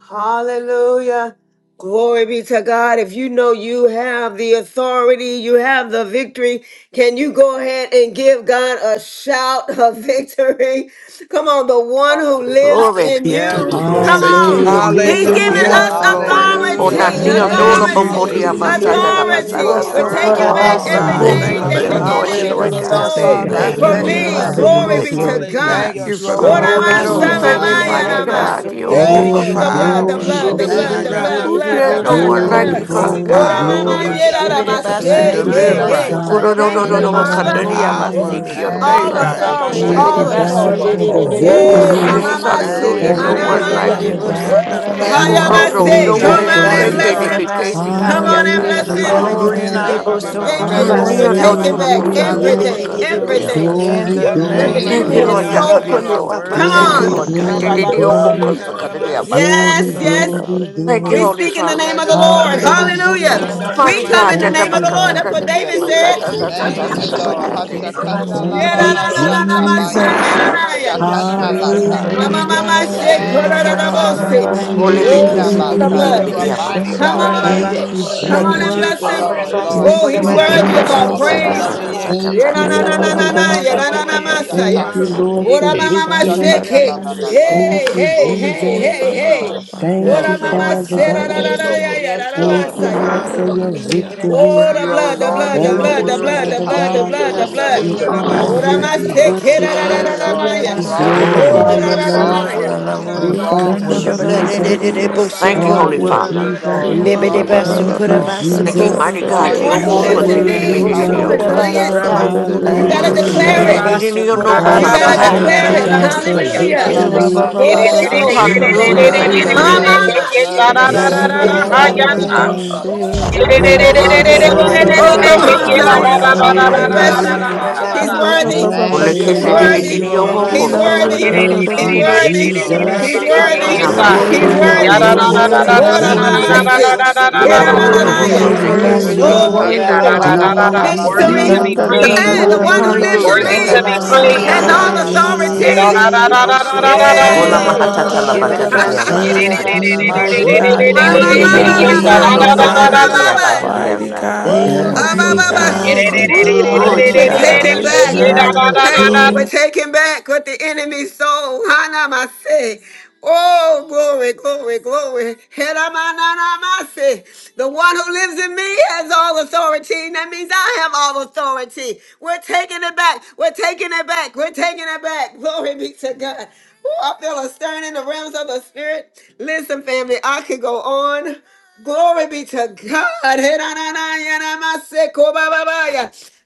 Speaker 1: Hallelujah. Glory be to God. If you know you have the authority, you have the victory, can you go ahead and give God a shout of victory? Come on, the one who lives
Speaker 11: Glory.
Speaker 1: in
Speaker 12: Yes,
Speaker 1: you.
Speaker 11: Itete
Speaker 1: Come
Speaker 12: Lord.
Speaker 11: beseke
Speaker 1: on.
Speaker 11: bio
Speaker 1: He's
Speaker 11: kandaria
Speaker 1: given
Speaker 12: Yes,
Speaker 2: Hallelujah,
Speaker 11: basata.
Speaker 1: us
Speaker 6: Hallelujah,
Speaker 12: Lord.
Speaker 2: hallelujah,
Speaker 4: Hallelujah.
Speaker 1: authority,
Speaker 11: Onania
Speaker 4: Thank you,
Speaker 11: nola
Speaker 12: Thank you,
Speaker 4: Jesus.
Speaker 1: authority,
Speaker 11: bokoria
Speaker 2: hallelujah,
Speaker 6: hallelujah,
Speaker 11: basata da
Speaker 12: Jesus.
Speaker 4: You
Speaker 11: basata
Speaker 4: are
Speaker 1: authority.
Speaker 11: sa
Speaker 2: hallelujah,
Speaker 1: We're
Speaker 11: sa sa.
Speaker 1: taking
Speaker 4: worthy,
Speaker 12: Oh,
Speaker 1: back
Speaker 4: Lord.
Speaker 12: God,
Speaker 11: Thank you
Speaker 1: everything
Speaker 12: thank
Speaker 11: for
Speaker 12: you
Speaker 11: the
Speaker 1: that the
Speaker 12: for
Speaker 8: you.
Speaker 12: the
Speaker 11: authority,
Speaker 2: hallelujah.
Speaker 1: enemy
Speaker 3: you,
Speaker 11: Lord
Speaker 12: witness.
Speaker 11: God.
Speaker 4: Hallelujah.
Speaker 3: Jesus. Thank
Speaker 12: Hey,
Speaker 1: stole
Speaker 3: you.
Speaker 4: Father, I
Speaker 3: Hallelujah.
Speaker 11: Thank
Speaker 12: God.
Speaker 11: you,
Speaker 1: for
Speaker 2: Thank
Speaker 4: bless
Speaker 12: Hey,
Speaker 11: Holy
Speaker 2: you,
Speaker 4: your
Speaker 1: me.
Speaker 2: Lord
Speaker 12: so
Speaker 11: Father.
Speaker 4: name.
Speaker 12: God.
Speaker 1: Glory
Speaker 3: Hallelujah.
Speaker 2: Jesus.
Speaker 1: be
Speaker 11: Thank you,
Speaker 1: to
Speaker 3: Glory
Speaker 8: Ishandarayosai.
Speaker 11: mighty
Speaker 3: to your
Speaker 1: God.
Speaker 11: God.
Speaker 12: Thank
Speaker 2: Hallelujah.
Speaker 3: name.
Speaker 12: you
Speaker 4: You
Speaker 12: for
Speaker 4: are
Speaker 12: the
Speaker 8: Thank you,
Speaker 12: Holy
Speaker 4: worthy,
Speaker 11: Ooh,
Speaker 3: Hallelujah.
Speaker 12: Ghost.
Speaker 4: Lord.
Speaker 11: thank
Speaker 4: I
Speaker 5: de
Speaker 11: you,
Speaker 5: le
Speaker 8: Jesus.
Speaker 4: thank
Speaker 11: mighty
Speaker 5: la
Speaker 3: Hallelujah.
Speaker 4: you,
Speaker 1: Oramasamamayanama.
Speaker 3: Thank you.
Speaker 11: God.
Speaker 4: Father.
Speaker 11: Your
Speaker 2: Hallelujah.
Speaker 3: God.
Speaker 5: basuko.
Speaker 12: Thank you
Speaker 4: Thank
Speaker 11: book
Speaker 4: you.
Speaker 12: for
Speaker 2: Thank
Speaker 1: Oh,
Speaker 6: glory,
Speaker 2: you,
Speaker 11: was a
Speaker 1: the
Speaker 2: Lord.
Speaker 1: blood, the
Speaker 6: glory,
Speaker 12: power.
Speaker 1: blood, the
Speaker 4: Thank
Speaker 1: blood,
Speaker 12: My
Speaker 4: you,
Speaker 6: glory,
Speaker 1: the
Speaker 8: Ishandarayosai.
Speaker 12: God.
Speaker 4: thank
Speaker 1: blood,
Speaker 4: you,
Speaker 11: Ooh,
Speaker 1: blood,
Speaker 11: there's
Speaker 1: the
Speaker 2: Ramasanda
Speaker 4: thank
Speaker 11: no
Speaker 4: you,
Speaker 1: blood, the
Speaker 11: one
Speaker 4: thank
Speaker 5: Shibidi-di-di-di-di-di-bo-so-ko.
Speaker 11: like
Speaker 4: you,
Speaker 8: Thank
Speaker 6: Glory,
Speaker 1: blood.
Speaker 11: you,
Speaker 8: you,
Speaker 2: Ramasete
Speaker 12: Oh,
Speaker 11: Father
Speaker 8: Father.
Speaker 6: glory,
Speaker 11: God. Your book
Speaker 12: power
Speaker 6: glory.
Speaker 11: was a
Speaker 2: Bushianda
Speaker 8: Thank you for the
Speaker 6: Thank
Speaker 12: to
Speaker 1: Oramamayeradabashe.
Speaker 6: you,
Speaker 4: thank you,
Speaker 8: victory,
Speaker 2: Nanda
Speaker 1: Hey,
Speaker 12: live
Speaker 6: Father
Speaker 4: thank
Speaker 8: Lord.
Speaker 1: hey.
Speaker 4: you,
Speaker 12: right.
Speaker 11: Oh,
Speaker 6: God.
Speaker 11: no,
Speaker 4: thank
Speaker 11: no,
Speaker 4: you,
Speaker 11: no,
Speaker 1: Thank
Speaker 11: no,
Speaker 1: you,
Speaker 2: Rabasurianda
Speaker 11: no.
Speaker 1: Father.
Speaker 5: Shibidi-basun-di-di-di-bo-so-ko-ra-ma-ni-di-bo-so-ko.
Speaker 11: Kandaria
Speaker 2: Rabasete
Speaker 6: Thank
Speaker 1: Woo.
Speaker 12: Power to
Speaker 11: basiki on
Speaker 12: stay
Speaker 4: thank
Speaker 1: All
Speaker 4: you,
Speaker 8: Inarararararayoshanti.
Speaker 11: the
Speaker 12: right.
Speaker 4: thank you,
Speaker 11: Thank
Speaker 1: authority,
Speaker 11: you,
Speaker 2: Rababa
Speaker 4: thank
Speaker 12: Yes,
Speaker 11: Lord.
Speaker 4: you,
Speaker 6: you,
Speaker 1: all
Speaker 2: Sanda
Speaker 12: God.
Speaker 4: thank
Speaker 6: God,
Speaker 4: you,
Speaker 1: authority.
Speaker 6: for the
Speaker 2: Rabasurianda
Speaker 12: In
Speaker 11: Oh,
Speaker 1: Yay,
Speaker 12: the
Speaker 2: Raba
Speaker 6: victory.
Speaker 5: Shibidi-basun-di-di-di-di-di-bo-so-ko.
Speaker 11: Jesus,
Speaker 12: name
Speaker 1: mama
Speaker 12: of
Speaker 8: Isandararararayokosha.
Speaker 1: shake,
Speaker 11: hallelujah.
Speaker 4: thank
Speaker 12: Jesus.
Speaker 11: No
Speaker 6: Thank
Speaker 4: you,
Speaker 2: Yanda
Speaker 6: you,
Speaker 11: one
Speaker 4: Jesus.
Speaker 11: like
Speaker 1: manamaya.
Speaker 6: Father
Speaker 11: you.
Speaker 1: Woo,
Speaker 6: God.
Speaker 7: Yerabaya
Speaker 2: Ramasurianda
Speaker 5: Ribidi-di-di-bo-so-ko-ra-ba.
Speaker 6: We
Speaker 8: Ibabababasha.
Speaker 12: Yes,
Speaker 6: have
Speaker 2: Rabasete
Speaker 12: Lord,
Speaker 11: Horodo,
Speaker 4: Oh,
Speaker 12: we
Speaker 7: Sokoyabaya
Speaker 6: full
Speaker 1: hayabase.
Speaker 12: give
Speaker 11: Dobo,
Speaker 1: Come
Speaker 12: you
Speaker 1: on
Speaker 4: thank
Speaker 1: and
Speaker 4: you,
Speaker 7: Darabaya
Speaker 6: victory.
Speaker 2: Yanda
Speaker 11: Koseke,
Speaker 7: Sat.
Speaker 1: bless
Speaker 11: de
Speaker 12: praise.
Speaker 4: Lord.
Speaker 1: him.
Speaker 4: Thank
Speaker 11: Bekasi,
Speaker 4: you,
Speaker 5: Shibidi-basun-ko-ra-ba-sa-ka.
Speaker 1: Come
Speaker 2: Ramasurianda
Speaker 1: on
Speaker 11: Kikia,
Speaker 4: Lord.
Speaker 1: and
Speaker 2: Rabash
Speaker 1: bless
Speaker 4: Thank you,
Speaker 1: him.
Speaker 7: Shirabaya
Speaker 4: Jesus.
Speaker 12: Glory
Speaker 8: Inayararararayosai.
Speaker 11: Katanabasata.
Speaker 12: and
Speaker 6: Hallelujah.
Speaker 12: honor
Speaker 4: Thank you,
Speaker 1: Woo!
Speaker 7: Sokoyabaya
Speaker 1: Thank
Speaker 12: belongs
Speaker 2: Rababa
Speaker 4: Lord.
Speaker 1: you,
Speaker 12: to
Speaker 1: Lord.
Speaker 2: Sanda
Speaker 4: Thank
Speaker 1: We're
Speaker 12: you.
Speaker 11: Nia
Speaker 4: you,
Speaker 5: Ribidi-di-di-di-bo-so-ko-ra-ba-sa-ka. ko
Speaker 11: no
Speaker 7: Darabaya
Speaker 1: taking
Speaker 4: Lord.
Speaker 1: back
Speaker 7: Sat.
Speaker 11: Toloboso,
Speaker 5: ra
Speaker 2: Rabasurianda
Speaker 6: Hallelujah.
Speaker 5: nibidi
Speaker 1: everything,
Speaker 5: di
Speaker 2: Rabash
Speaker 4: Hallelujah,
Speaker 5: di bo
Speaker 7: Roba
Speaker 11: Tolobakaseke,
Speaker 5: so
Speaker 4: Jesus.
Speaker 1: everything
Speaker 11: Sata.
Speaker 12: In
Speaker 7: Bakanda
Speaker 6: Glory,
Speaker 4: Thank
Speaker 1: woo,
Speaker 12: the
Speaker 5: ba
Speaker 4: you,
Speaker 2: Yanda
Speaker 1: that
Speaker 4: Lord.
Speaker 1: the
Speaker 6: glory,
Speaker 12: name
Speaker 7: Yerabaya
Speaker 11: Thank
Speaker 12: of
Speaker 11: you,
Speaker 1: enemy
Speaker 8: Inayararararayosai.
Speaker 1: has
Speaker 11: Lord
Speaker 5: ba
Speaker 6: glory.
Speaker 11: God,
Speaker 2: Ramasurianda
Speaker 11: for
Speaker 5: ba
Speaker 1: stole
Speaker 7: Darabaya
Speaker 11: the
Speaker 5: ba
Speaker 4: You
Speaker 1: from you.
Speaker 4: are
Speaker 12: Jesus.
Speaker 5: ba
Speaker 2: Ramasete
Speaker 7: Saya.
Speaker 5: ba
Speaker 11: authority.
Speaker 1: Come
Speaker 5: so
Speaker 11: Thank
Speaker 4: worthy
Speaker 11: you,
Speaker 6: Glory,
Speaker 1: on.
Speaker 4: to
Speaker 5: ko
Speaker 11: Lord
Speaker 4: be
Speaker 11: God.
Speaker 6: glory,
Speaker 2: Rababa
Speaker 4: praised.
Speaker 7: Shirabaya
Speaker 6: glory.
Speaker 1: Woo!
Speaker 8: Isandararararayosai.
Speaker 4: Hallelujah.
Speaker 7: Darabaya
Speaker 2: Ramasete
Speaker 4: Thank
Speaker 11: Didiobokosakadiabasata.
Speaker 6: Glory,
Speaker 1: Yes,
Speaker 4: you,
Speaker 7: Sokoye.
Speaker 4: Jesus.
Speaker 1: yes.
Speaker 6: glory,
Speaker 8: Ibababababasha.
Speaker 11: Thank you,
Speaker 7: Hallelujah.
Speaker 1: We
Speaker 6: glory.
Speaker 11: Holy
Speaker 1: speak in the
Speaker 11: Father.
Speaker 1: name
Speaker 4: Yes,
Speaker 1: of the
Speaker 7: Roba
Speaker 4: Lord.
Speaker 1: Lord.
Speaker 5: nda ma
Speaker 4: Thank
Speaker 7: bakanda da
Speaker 5: so
Speaker 7: da
Speaker 5: ko
Speaker 1: Hallelujah.
Speaker 4: you,
Speaker 5: ra
Speaker 6: Hallelujah.
Speaker 7: bayasa
Speaker 4: Jesus.
Speaker 1: We
Speaker 11: Mighty
Speaker 4: You
Speaker 1: come
Speaker 4: are
Speaker 7: tayere
Speaker 11: God,
Speaker 1: in
Speaker 7: da
Speaker 1: the
Speaker 11: that
Speaker 6: Thank
Speaker 11: the
Speaker 1: name
Speaker 2: Hiyananaramasotoriyandanaramasika.
Speaker 1: of
Speaker 6: you,
Speaker 4: worthy,
Speaker 1: the
Speaker 7: bayanda da da
Speaker 1: Lord.
Speaker 4: Lord.
Speaker 6: Lord.
Speaker 12: Yes,
Speaker 1: That's what
Speaker 12: Lord.
Speaker 7: bayasha
Speaker 1: David
Speaker 7: yes
Speaker 1: said.
Speaker 6: Thank you,
Speaker 4: Thank you,
Speaker 6: Jesus.
Speaker 7: God.
Speaker 4: Lord.
Speaker 7: Roba
Speaker 11: Tatabakasakadiamasatatatatatabakate.
Speaker 2: Ramasenderebosoria.
Speaker 7: bakanda
Speaker 4: Hashakanda
Speaker 7: da
Speaker 4: la
Speaker 7: da
Speaker 6: Thank
Speaker 1: Yeah,
Speaker 4: la
Speaker 1: na,
Speaker 6: you,
Speaker 2: Thank
Speaker 4: la
Speaker 1: na,
Speaker 2: you,
Speaker 11: Who
Speaker 7: bayasa
Speaker 1: na,
Speaker 8: Ishandararararayosai.
Speaker 1: na,
Speaker 2: Lord.
Speaker 1: na,
Speaker 11: are
Speaker 7: tayere
Speaker 4: sata
Speaker 7: da
Speaker 1: my
Speaker 11: you?
Speaker 1: son, na,
Speaker 7: bayanda
Speaker 1: na,
Speaker 7: da
Speaker 4: bayeke
Speaker 6: Jesus.
Speaker 7: da
Speaker 1: na, yeah. Woo!
Speaker 7: bayahaya.
Speaker 4: bushakanda la sata.
Speaker 2: Ramasiyananaramasete.
Speaker 8: Ishikaya.
Speaker 1: Mama, mama,
Speaker 7: Yere da
Speaker 6: Hallelujah.
Speaker 1: shit,
Speaker 8: Ye
Speaker 1: kora,
Speaker 8: ba
Speaker 4: Thank
Speaker 7: bayanda da
Speaker 1: da,
Speaker 8: ba
Speaker 4: you,
Speaker 7: da
Speaker 1: da,
Speaker 8: ba
Speaker 1: bo,
Speaker 8: ba ba
Speaker 4: Father.
Speaker 7: bayasa
Speaker 8: ba
Speaker 1: six.
Speaker 8: ba
Speaker 7: kuyere
Speaker 11: Holy
Speaker 8: ba
Speaker 7: da
Speaker 2: Keshandaramasoria
Speaker 4: Hoshekinda
Speaker 8: she.
Speaker 11: Bekasi,
Speaker 7: bayanda da
Speaker 1: Oh,
Speaker 7: da
Speaker 1: the
Speaker 4: basa.
Speaker 1: blood.
Speaker 6: Hallelujah.
Speaker 4: You
Speaker 7: bayasa
Speaker 4: are mighty
Speaker 7: tayere
Speaker 8: da
Speaker 7: da
Speaker 1: Come
Speaker 8: da
Speaker 11: Kidibidibidiyamabata.
Speaker 4: God.
Speaker 8: da da
Speaker 7: bayanda
Speaker 8: da
Speaker 1: on.
Speaker 7: ya.
Speaker 5: Yemenemasukurabasu,
Speaker 6: Thank
Speaker 8: yo
Speaker 6: you,
Speaker 4: You
Speaker 1: Come
Speaker 4: are
Speaker 11: Thank
Speaker 1: on
Speaker 11: you,
Speaker 8: saya.
Speaker 1: and
Speaker 6: Jesus.
Speaker 1: bless
Speaker 4: worthy,
Speaker 11: Jesus.
Speaker 1: him.
Speaker 2: Rababasuriandaramase.
Speaker 7: Shiyere
Speaker 4: Lord.
Speaker 7: da
Speaker 4: Lord,
Speaker 6: Thank
Speaker 1: Oh,
Speaker 7: bayasa
Speaker 4: you
Speaker 1: he's
Speaker 8: se
Speaker 4: are
Speaker 6: you,
Speaker 8: ke
Speaker 11: Thank
Speaker 1: worthy
Speaker 11: you,
Speaker 7: kuyere
Speaker 1: of
Speaker 4: worthy.
Speaker 8: ba
Speaker 7: da
Speaker 1: all
Speaker 8: ba
Speaker 11: Jesus.
Speaker 8: ba
Speaker 6: Jesus.
Speaker 7: bayanda
Speaker 11: Saka,
Speaker 8: ba.
Speaker 7: da
Speaker 1: praise.
Speaker 7: da
Speaker 5: Shubravasukurabanemusukurabasu,
Speaker 4: Halalalala
Speaker 11: saka, saka,
Speaker 2: Hiyandarabosoriandarabas.
Speaker 7: bayanda
Speaker 6: Thank
Speaker 1: Yeah,
Speaker 7: da da
Speaker 6: you,
Speaker 1: na
Speaker 11: saka,
Speaker 1: na
Speaker 8: Ye
Speaker 11: da,
Speaker 4: yeshekenda
Speaker 1: na
Speaker 11: da,
Speaker 4: la
Speaker 8: ba
Speaker 1: na
Speaker 11: da,
Speaker 4: la
Speaker 8: ba
Speaker 7: bayasa.
Speaker 6: Father
Speaker 1: na
Speaker 11: ba,
Speaker 8: ba ba
Speaker 4: la
Speaker 11: da,
Speaker 1: na.
Speaker 4: la
Speaker 2: Thank
Speaker 6: God.
Speaker 11: da.
Speaker 1: Yeah,
Speaker 4: la
Speaker 8: ba
Speaker 2: you,
Speaker 1: na
Speaker 4: la
Speaker 8: ba
Speaker 1: na
Speaker 8: ba
Speaker 1: na
Speaker 2: Lord.
Speaker 8: ba
Speaker 2: Thank
Speaker 5: Yemenevasukurabasu,
Speaker 8: ba.
Speaker 2: you,
Speaker 1: masaya.
Speaker 4: yeshata.
Speaker 6: Thank
Speaker 7: Yere
Speaker 6: you,
Speaker 7: da
Speaker 2: Father.
Speaker 6: Lord, for
Speaker 1: Ora
Speaker 7: bayanda
Speaker 8: Ye
Speaker 7: da
Speaker 4: Eke
Speaker 7: da
Speaker 1: mama
Speaker 5: Shivenevasukurabasu,
Speaker 8: da
Speaker 7: bayanda
Speaker 6: victory.
Speaker 8: da
Speaker 7: da
Speaker 8: da
Speaker 7: da
Speaker 4: bushakanda
Speaker 8: da
Speaker 4: la
Speaker 1: maseke.
Speaker 8: da
Speaker 4: la
Speaker 8: yo
Speaker 4: la
Speaker 7: bayasa
Speaker 4: la.
Speaker 8: se.
Speaker 7: kuyere
Speaker 1: Hey,
Speaker 6: Thank
Speaker 7: da
Speaker 6: you,
Speaker 1: hey,
Speaker 5: Shivenevasukurabasu,
Speaker 7: bayanda da
Speaker 1: hey,
Speaker 7: da
Speaker 4: Oh,
Speaker 6: Jesus.
Speaker 8: Ye
Speaker 1: hey,
Speaker 8: ba
Speaker 7: bayahaya.
Speaker 4: yes,
Speaker 8: ba
Speaker 1: hey.
Speaker 8: ba
Speaker 4: Lord.
Speaker 8: ba.
Speaker 4: Yes,
Speaker 6: Thank
Speaker 1: Ora
Speaker 4: Lord.
Speaker 6: you,
Speaker 2: Thank
Speaker 12: Yes,
Speaker 2: you,
Speaker 1: mama
Speaker 12: Lord.
Speaker 2: Lord
Speaker 6: Father
Speaker 7: Yererebaya,
Speaker 6: God.
Speaker 1: sera
Speaker 2: Jesus.
Speaker 1: da da da ya
Speaker 8: Hallelujah.
Speaker 7: Nurabaya,
Speaker 1: ya da
Speaker 4: Yes,
Speaker 7: Sata
Speaker 1: da
Speaker 6: Thank
Speaker 4: Lord.
Speaker 2: Thank
Speaker 6: you,
Speaker 2: you,
Speaker 1: masaya.
Speaker 7: Yererebaya,
Speaker 6: Lord, for
Speaker 2: Father.
Speaker 6: your
Speaker 7: Narabaya,
Speaker 8: Hallelujah.
Speaker 1: Oh,
Speaker 5: Shubravasukurabasu,
Speaker 6: victory.
Speaker 7: Narabaya,
Speaker 1: the
Speaker 4: You are
Speaker 1: blood, the
Speaker 5: Shubravasukurabasu,
Speaker 4: Lord.
Speaker 1: blood, the
Speaker 4: You are
Speaker 6: Thank
Speaker 1: blood,
Speaker 6: you,
Speaker 1: the
Speaker 2: Ramamasuriandarabas.
Speaker 8: Hallelujah.
Speaker 1: blood,
Speaker 4: worthy.
Speaker 1: the
Speaker 6: Father
Speaker 7: Yererebaya,
Speaker 1: blood, the
Speaker 6: God.
Speaker 1: blood, the
Speaker 7: Narabaya,
Speaker 4: Hallelujah.
Speaker 1: blood.
Speaker 6: We
Speaker 7: Suku
Speaker 6: honor
Speaker 11: Mm,
Speaker 8: Hallelujah.
Speaker 1: Ora
Speaker 7: Yererebaya,
Speaker 6: you.
Speaker 11: mm,
Speaker 6: We
Speaker 1: maseke
Speaker 7: Narabaya,
Speaker 1: da
Speaker 6: worship
Speaker 1: da
Speaker 12: Mashatiri.
Speaker 1: da
Speaker 8: Ye
Speaker 4: Yeah,
Speaker 1: da
Speaker 6: you.
Speaker 1: da
Speaker 2: Yandaramaseteya
Speaker 7: Nurabaya,
Speaker 4: Lord,
Speaker 8: da da
Speaker 1: maya.
Speaker 7: Sata
Speaker 4: you
Speaker 6: We
Speaker 8: da
Speaker 5: Shubravasukurabasu,
Speaker 8: da
Speaker 4: are
Speaker 8: da da
Speaker 7: Yererebaya,
Speaker 8: da
Speaker 6: glorify
Speaker 4: worthy.
Speaker 1: Oh,
Speaker 8: she.
Speaker 1: da
Speaker 6: your
Speaker 11: mm.
Speaker 1: da
Speaker 4: You
Speaker 1: da
Speaker 4: are
Speaker 6: name.
Speaker 1: maya.
Speaker 4: worthy.
Speaker 6: We
Speaker 4: You
Speaker 7: Yalalabaya,
Speaker 4: are
Speaker 2: Yandaramasandarabasi.
Speaker 6: thank
Speaker 8: da
Speaker 6: you,
Speaker 8: da
Speaker 12: Shalalabusatam.
Speaker 8: da
Speaker 4: worthy.
Speaker 7: Narabaya,
Speaker 8: da da da da
Speaker 7: Suku
Speaker 6: Jesus.
Speaker 4: You
Speaker 11: Thank you,
Speaker 7: Yererebaya,
Speaker 5: Shubravasukurabasu,
Speaker 6: Thank
Speaker 4: are
Speaker 11: Holy
Speaker 6: you,
Speaker 11: Father.
Speaker 4: worthy,
Speaker 7: Hey,
Speaker 6: Jesus.
Speaker 11: Mm,
Speaker 8: Ye
Speaker 4: Lord.
Speaker 11: mm.
Speaker 8: ba
Speaker 4: You
Speaker 2: Rabababasuriandarabash.
Speaker 4: are
Speaker 8: ba ba ba
Speaker 4: worthy,
Speaker 8: ba
Speaker 6: Thank
Speaker 7: Shialalabaya,
Speaker 8: ba
Speaker 6: you,
Speaker 4: Lord.
Speaker 5: Nebedevasukurabasu,
Speaker 8: shun
Speaker 11: Thank
Speaker 8: da
Speaker 11: you,
Speaker 7: Narabaya,
Speaker 8: da
Speaker 6: Jesus.
Speaker 8: da
Speaker 11: mighty
Speaker 8: da da
Speaker 7: Sotu
Speaker 11: God.
Speaker 1: The
Speaker 4: Lord,
Speaker 11: Ti
Speaker 8: yo
Speaker 11: o
Speaker 1: one
Speaker 2: Thank
Speaker 1: who
Speaker 4: you
Speaker 2: you,
Speaker 11: mo
Speaker 7: Yererebaya,
Speaker 4: are
Speaker 11: ko
Speaker 8: se.
Speaker 2: Lord
Speaker 1: lives
Speaker 11: te
Speaker 1: in
Speaker 11: kiri bi
Speaker 4: worthy.
Speaker 1: me.
Speaker 2: Jesus.
Speaker 7: Narabaya,
Speaker 11: di di
Speaker 1: Come
Speaker 11: di o
Speaker 6: Hallelujah.
Speaker 7: Suku.
Speaker 1: on,
Speaker 11: ko te
Speaker 4: Hallelujah.
Speaker 1: Zion.
Speaker 4: I
Speaker 11: kiri.
Speaker 5: Shubravasukurabasu,
Speaker 4: praise your
Speaker 1: You
Speaker 4: name.
Speaker 12: Thank
Speaker 1: gotta
Speaker 12: you for your
Speaker 11: Ni
Speaker 13: Worthy
Speaker 11: ni
Speaker 1: declare
Speaker 5: Shubere
Speaker 6: Hallelujah.
Speaker 1: it.
Speaker 8: Ikandararararararariyosha.
Speaker 11: ni
Speaker 12: loving.
Speaker 2: Rabasotoriandarabasi.
Speaker 11: ni ni
Speaker 5: basu
Speaker 11: o no
Speaker 5: kura
Speaker 11: ko
Speaker 4: I
Speaker 1: You
Speaker 11: sala
Speaker 6: Thank
Speaker 11: ba
Speaker 6: you,
Speaker 1: gotta
Speaker 7: Yererebaya,
Speaker 4: bless your
Speaker 11: la
Speaker 5: basikaya.
Speaker 11: sa
Speaker 8: Iseke.
Speaker 6: Father
Speaker 1: declare
Speaker 11: ja.
Speaker 1: it.
Speaker 7: Narabaya,
Speaker 4: name.
Speaker 6: God, for
Speaker 7: Sotu
Speaker 4: Hashakanda
Speaker 1: Hallelujah.
Speaker 5: Shubere
Speaker 4: la
Speaker 7: Yererebaya,
Speaker 2: Yandaramasuriandarabash.
Speaker 4: la
Speaker 5: basu
Speaker 6: victory.
Speaker 4: la
Speaker 5: kura
Speaker 7: Narabaya,
Speaker 1: Oh,
Speaker 5: basu
Speaker 4: sata.
Speaker 11: Ooh,
Speaker 7: Sata
Speaker 5: basiku.
Speaker 1: glory,
Speaker 2: Thank you,
Speaker 1: glory.
Speaker 4: The
Speaker 7: Yererebaya,
Speaker 11: hallelujah.
Speaker 6: Jesus
Speaker 4: blood,
Speaker 2: Father.
Speaker 11: Thank you,
Speaker 6: is
Speaker 4: the
Speaker 8: Irabababababashandararariyo.
Speaker 1: My,
Speaker 7: Narabaya,
Speaker 11: Jesus.
Speaker 1: my,
Speaker 4: blood,
Speaker 6: Lord.
Speaker 4: the
Speaker 1: my
Speaker 4: blood,
Speaker 1: sin.
Speaker 4: the
Speaker 5: Shubere basu
Speaker 4: blood,
Speaker 6: Thank
Speaker 4: the
Speaker 6: you,
Speaker 1: Thank
Speaker 5: kura
Speaker 1: you,
Speaker 4: blood,
Speaker 5: ba.
Speaker 1: Lord.
Speaker 4: the
Speaker 7: Shialalabaya,
Speaker 6: Father
Speaker 4: blood,
Speaker 6: God.
Speaker 4: the
Speaker 2: Yanaramasuriandarabash.
Speaker 7: Narabaya,
Speaker 8: Isandarararararariyoshe.
Speaker 1: Oh,
Speaker 7: Sata
Speaker 4: blood.
Speaker 5: Shubere
Speaker 6: Thank
Speaker 2: Yes,
Speaker 5: basu
Speaker 6: you,
Speaker 7: Yererebaya,
Speaker 11: Worthy,
Speaker 5: kura ba.
Speaker 11: worthy,
Speaker 6: Jesus.
Speaker 1: oh
Speaker 4: Hallelujah.
Speaker 1: come
Speaker 7: Narabaya,
Speaker 11: worthy
Speaker 2: Yandaramasuria.
Speaker 11: is
Speaker 1: on,
Speaker 11: our Lord
Speaker 1: Zion.
Speaker 4: Hallelujah.
Speaker 11: God
Speaker 7: Yada
Speaker 4: Thank
Speaker 1: Let's
Speaker 4: you.
Speaker 8: Ayararararararariyosanje.
Speaker 5: Shubere
Speaker 11: Almighty.
Speaker 1: bless
Speaker 4: Thank
Speaker 1: him.
Speaker 5: basu
Speaker 4: you,
Speaker 6: Hallelujah.
Speaker 5: kura
Speaker 4: Father.
Speaker 5: ba.
Speaker 11: Dedibekete.
Speaker 1: He's worthy.
Speaker 2: Rababasuriandarabash.
Speaker 4: Thank you,
Speaker 1: He's
Speaker 5: Shubere
Speaker 11: Olekese
Speaker 8: Abababababashe.
Speaker 4: Father.
Speaker 5: basu
Speaker 1: worthy.
Speaker 4: You are
Speaker 6: Hallelujah.
Speaker 5: kura
Speaker 11: dividiyomo
Speaker 1: He's
Speaker 2: Eke
Speaker 4: worthy, Lord.
Speaker 5: basiku.
Speaker 1: worthy.
Speaker 4: There's
Speaker 6: Thank
Speaker 1: He's
Speaker 2: Shandarabasi.
Speaker 11: kolobosanodiyabasaka.
Speaker 4: none
Speaker 6: you,
Speaker 4: like you,
Speaker 1: worthy.
Speaker 5: Shubere
Speaker 4: Lord.
Speaker 8: Inayararararararosha.
Speaker 1: He's
Speaker 6: Jesus.
Speaker 5: basu kura
Speaker 1: worthy.
Speaker 8: You're
Speaker 4: Hallelujah. In
Speaker 5: basiku.
Speaker 4: the
Speaker 8: worthy,
Speaker 1: He's
Speaker 11: Hanamasiki
Speaker 4: name
Speaker 6: Victory
Speaker 2: Rababasuriandaramasi.
Speaker 4: of
Speaker 8: Lord.
Speaker 1: worthy.
Speaker 8: You're
Speaker 6: belongs
Speaker 4: Jesus.
Speaker 5: Shimene
Speaker 6: to
Speaker 8: worthy.
Speaker 2: Thank you,
Speaker 8: You're
Speaker 1: Lord, I'm
Speaker 11: yolobosasasasasasa.
Speaker 1: on
Speaker 5: masinde
Speaker 2: Father.
Speaker 4: Hallelujah.
Speaker 1: my
Speaker 5: de
Speaker 8: worthy.
Speaker 5: de
Speaker 4: Thank
Speaker 6: Jesus.
Speaker 4: you, Jesus.
Speaker 5: bosuko.
Speaker 8: You're
Speaker 2: Thank you.
Speaker 8: worthy.
Speaker 4: You
Speaker 1: sin.
Speaker 8: You're
Speaker 4: are
Speaker 5: Shibere
Speaker 4: worthy,
Speaker 8: worthy.
Speaker 2: Thank you,
Speaker 8: You're
Speaker 6: Hallelujah.
Speaker 4: Lord.
Speaker 5: basuto
Speaker 2: Lord.
Speaker 8: worthy,
Speaker 5: raba
Speaker 1: Glory.
Speaker 5: ba
Speaker 4: Hashakanda
Speaker 5: ba
Speaker 8: Lord.
Speaker 4: la
Speaker 5: ba
Speaker 4: la la
Speaker 2: Thank
Speaker 6: Glory,
Speaker 2: you,
Speaker 4: la
Speaker 11: Orododobokosekesekedekedekekekekeyakate.
Speaker 2: Lord
Speaker 4: la
Speaker 1: Victory.
Speaker 13: to
Speaker 4: la
Speaker 5: basuta.
Speaker 13: be
Speaker 4: la
Speaker 2: Jesus.
Speaker 1: The,
Speaker 6: glory,
Speaker 13: praised,
Speaker 1: hey,
Speaker 4: sata.
Speaker 1: the
Speaker 5: Rebe
Speaker 11: Ooh,
Speaker 1: one
Speaker 5: di
Speaker 1: who
Speaker 5: di
Speaker 6: glory.
Speaker 1: lives in
Speaker 11: hallelujah.
Speaker 13: worthy
Speaker 4: Eke
Speaker 5: bosuko
Speaker 8: Ikandarararararararosha.
Speaker 1: me
Speaker 13: to be
Speaker 4: busho
Speaker 2: Yandarabo
Speaker 5: ramasiki
Speaker 4: kanda
Speaker 1: has
Speaker 13: praised.
Speaker 8: Thank
Speaker 4: la
Speaker 8: you,
Speaker 1: all
Speaker 5: arabo.
Speaker 2: Sorianda
Speaker 4: la la
Speaker 2: Rabas.
Speaker 4: la la
Speaker 8: Jesus.
Speaker 1: authority.
Speaker 5: Rebe
Speaker 4: la.
Speaker 5: di di bosuko
Speaker 8: Yes,
Speaker 2: Ramamama
Speaker 8: son,
Speaker 5: raba.
Speaker 11: Ola
Speaker 8: da,
Speaker 1: Yay.
Speaker 8: da,
Speaker 2: Sorianda
Speaker 8: da, da, da,
Speaker 11: mahatatala
Speaker 6: Hallelujah.
Speaker 8: da, da,
Speaker 5: Shibere
Speaker 8: da,
Speaker 2: Rabasete.
Speaker 11: bakana
Speaker 8: da, da, da.
Speaker 5: basuko
Speaker 11: diyamase
Speaker 4: Nashakanda
Speaker 6: Thank
Speaker 4: la la
Speaker 5: raba
Speaker 11: kese
Speaker 4: la
Speaker 11: de.
Speaker 6: you,
Speaker 4: la
Speaker 5: suko.
Speaker 1: Woo.
Speaker 8: mighty
Speaker 4: la.
Speaker 2: Eshanda
Speaker 8: God,
Speaker 1: my,
Speaker 2: Rabas.
Speaker 1: my,
Speaker 8: mighty
Speaker 11: Orebe
Speaker 1: my,
Speaker 5: Shibere
Speaker 1: my,
Speaker 8: God,
Speaker 1: my,
Speaker 12: Yes.
Speaker 4: Eshe
Speaker 5: basuko
Speaker 1: my.
Speaker 8: mighty
Speaker 11: dedibidiyono
Speaker 1: Yeah, my,
Speaker 4: sheke
Speaker 11: kose
Speaker 5: raba.
Speaker 1: my,
Speaker 2: Thank
Speaker 8: God,
Speaker 1: my,
Speaker 2: you,
Speaker 4: busho
Speaker 6: Jesus.
Speaker 1: my, my.
Speaker 4: kanda
Speaker 2: Father.
Speaker 4: la
Speaker 1: Woo.
Speaker 13: Yeah,
Speaker 8: mighty
Speaker 4: sata.
Speaker 11: mahatatalabakadadiyamasepeseke. Orebederibidiyonokosekeriyakadadiyasata.
Speaker 8: God,
Speaker 6: Thank
Speaker 1: Ah,
Speaker 12: Yes,
Speaker 1: ba,
Speaker 8: mighty
Speaker 6: you,
Speaker 1: ba, ba,
Speaker 4: Eke
Speaker 12: Lord.
Speaker 8: God,
Speaker 1: shake
Speaker 12: Yes,
Speaker 4: busho
Speaker 6: Father
Speaker 1: it.
Speaker 12: Lord.
Speaker 11: Ooh,
Speaker 4: kanda la
Speaker 11: glory
Speaker 8: mighty
Speaker 11: to
Speaker 1: We're
Speaker 6: God.
Speaker 11: you,
Speaker 8: God,
Speaker 4: sata
Speaker 1: taking
Speaker 11: Father.
Speaker 8: yes,
Speaker 11: You're
Speaker 1: back.
Speaker 4: banana.
Speaker 2: Thank
Speaker 11: God
Speaker 2: you,
Speaker 6: You
Speaker 8: son.
Speaker 11: and
Speaker 6: are
Speaker 2: Lord
Speaker 11: God
Speaker 1: Hey,
Speaker 2: Jesus.
Speaker 1: we're
Speaker 11: alone.
Speaker 6: King.
Speaker 1: taking back what the enemy stole. Hanamase. Oh, glory, glory, glory. Heramananamase. The one who lives in me has all authority. And That means I have all authority. We're taking it back. We're taking it back. We're taking it back. Glory be to God. Ooh, I feel a stirring in the realms of the spirit. Listen, family, I could go on. Glory be to God. Hey,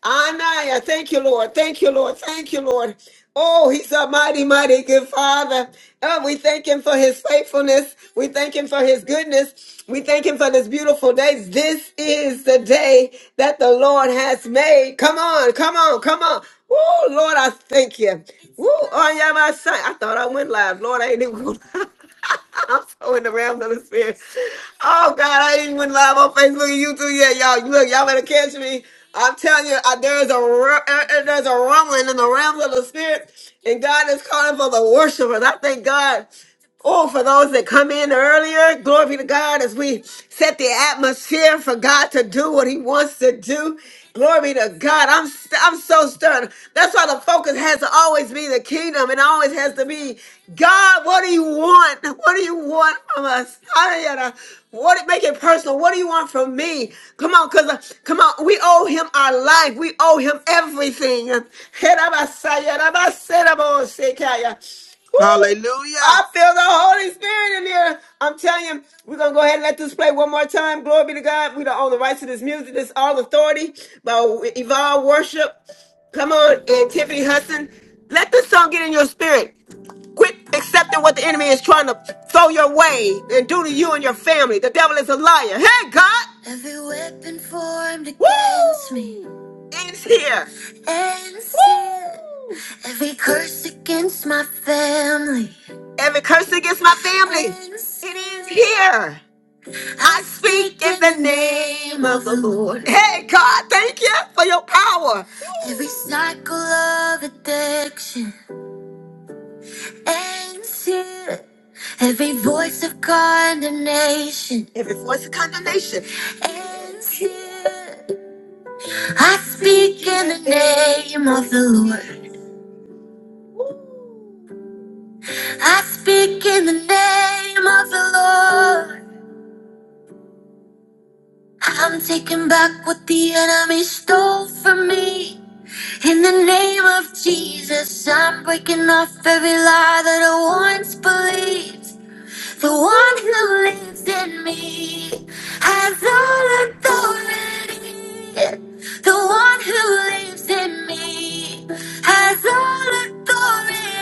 Speaker 1: Anaya, thank you, Lord. Thank you, Lord. Thank you, Lord. Oh, he's a mighty, mighty good father. Oh, we thank him for his faithfulness. We thank him for his goodness. We thank him for this beautiful day. This is the day that the Lord has made. Come on, come on, come on. Oh, Lord, I thank you. Woo, oh, yeah, my son. I thought I went live. Lord, I ain't even going live. I'm so in the realm of the spirit. Oh God, I ain't even went live on Facebook and YouTube yet, y'all. You Look, y'all better catch me. I'm telling you, uh, there's a ru- uh, uh, there's a rumbling in the realms of the spirit, and God is calling for the worshipers. I thank God. Oh, for those that come in earlier, glory be to God as we set the atmosphere for God to do what He wants to do. Glory be to God. I'm st- I'm so stirred. That's why the focus has to always be the kingdom and always has to be God. What do you want? What do you want from us? Hallelujah. What make it personal? What do you want from me? Come on, cause uh, come on, we owe Him our life. We owe Him everything. Woo! I
Speaker 2: Hallelujah.
Speaker 1: feel the Holy Spirit in here. I'm telling you, we're gonna go ahead and let this play one more time. Glory be to God. We don't own the rights to this music. This is all authority by Evolve Worship. Come on, and Tiffany Hudson. Let this song get in your spirit. Quit accepting what the enemy is trying to throw your way and do to you and your family. The devil is a liar. Hey, God! Every weapon formed Woo! against Woo! me ends here. Ends here. Woo! Every curse against my family. Every curse against my family. Ends It ends here. I speak in the name of the Lord. Hey, God, thank you for your power. Every cycle of addiction and hear every voice of condemnation. Every voice of condemnation. And hear. I speak in the name of the Lord. I speak in the name of the Lord. I'm taking back what the enemy stole from me. In the name of Jesus, I'm breaking off every lie that I once believed. The one who lives in me has all authority. The one who lives in me has all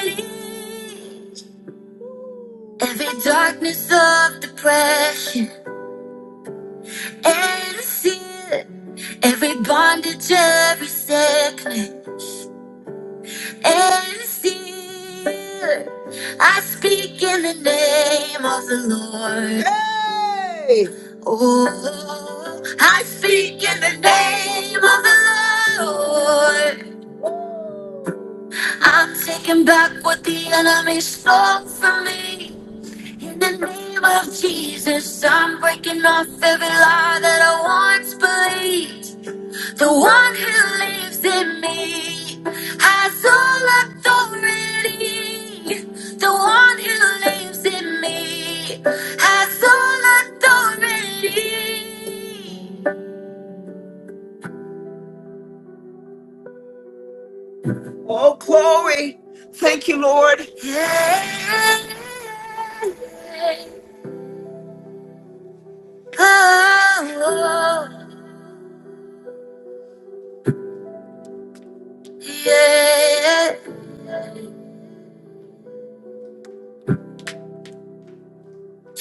Speaker 1: authority. Every darkness of depression and fear, every bondage, every sickness. And still, I speak in the name of the Lord. Hey! Oh, I speak in the name of the Lord. I'm taking back what the enemy stole from me. In the name of Jesus, I'm breaking off every lie that I once believed. The one who lives in me has all authority. The one who lives in me has all authority. Oh, glory. Thank you, Lord. Yeah. Oh, yeah.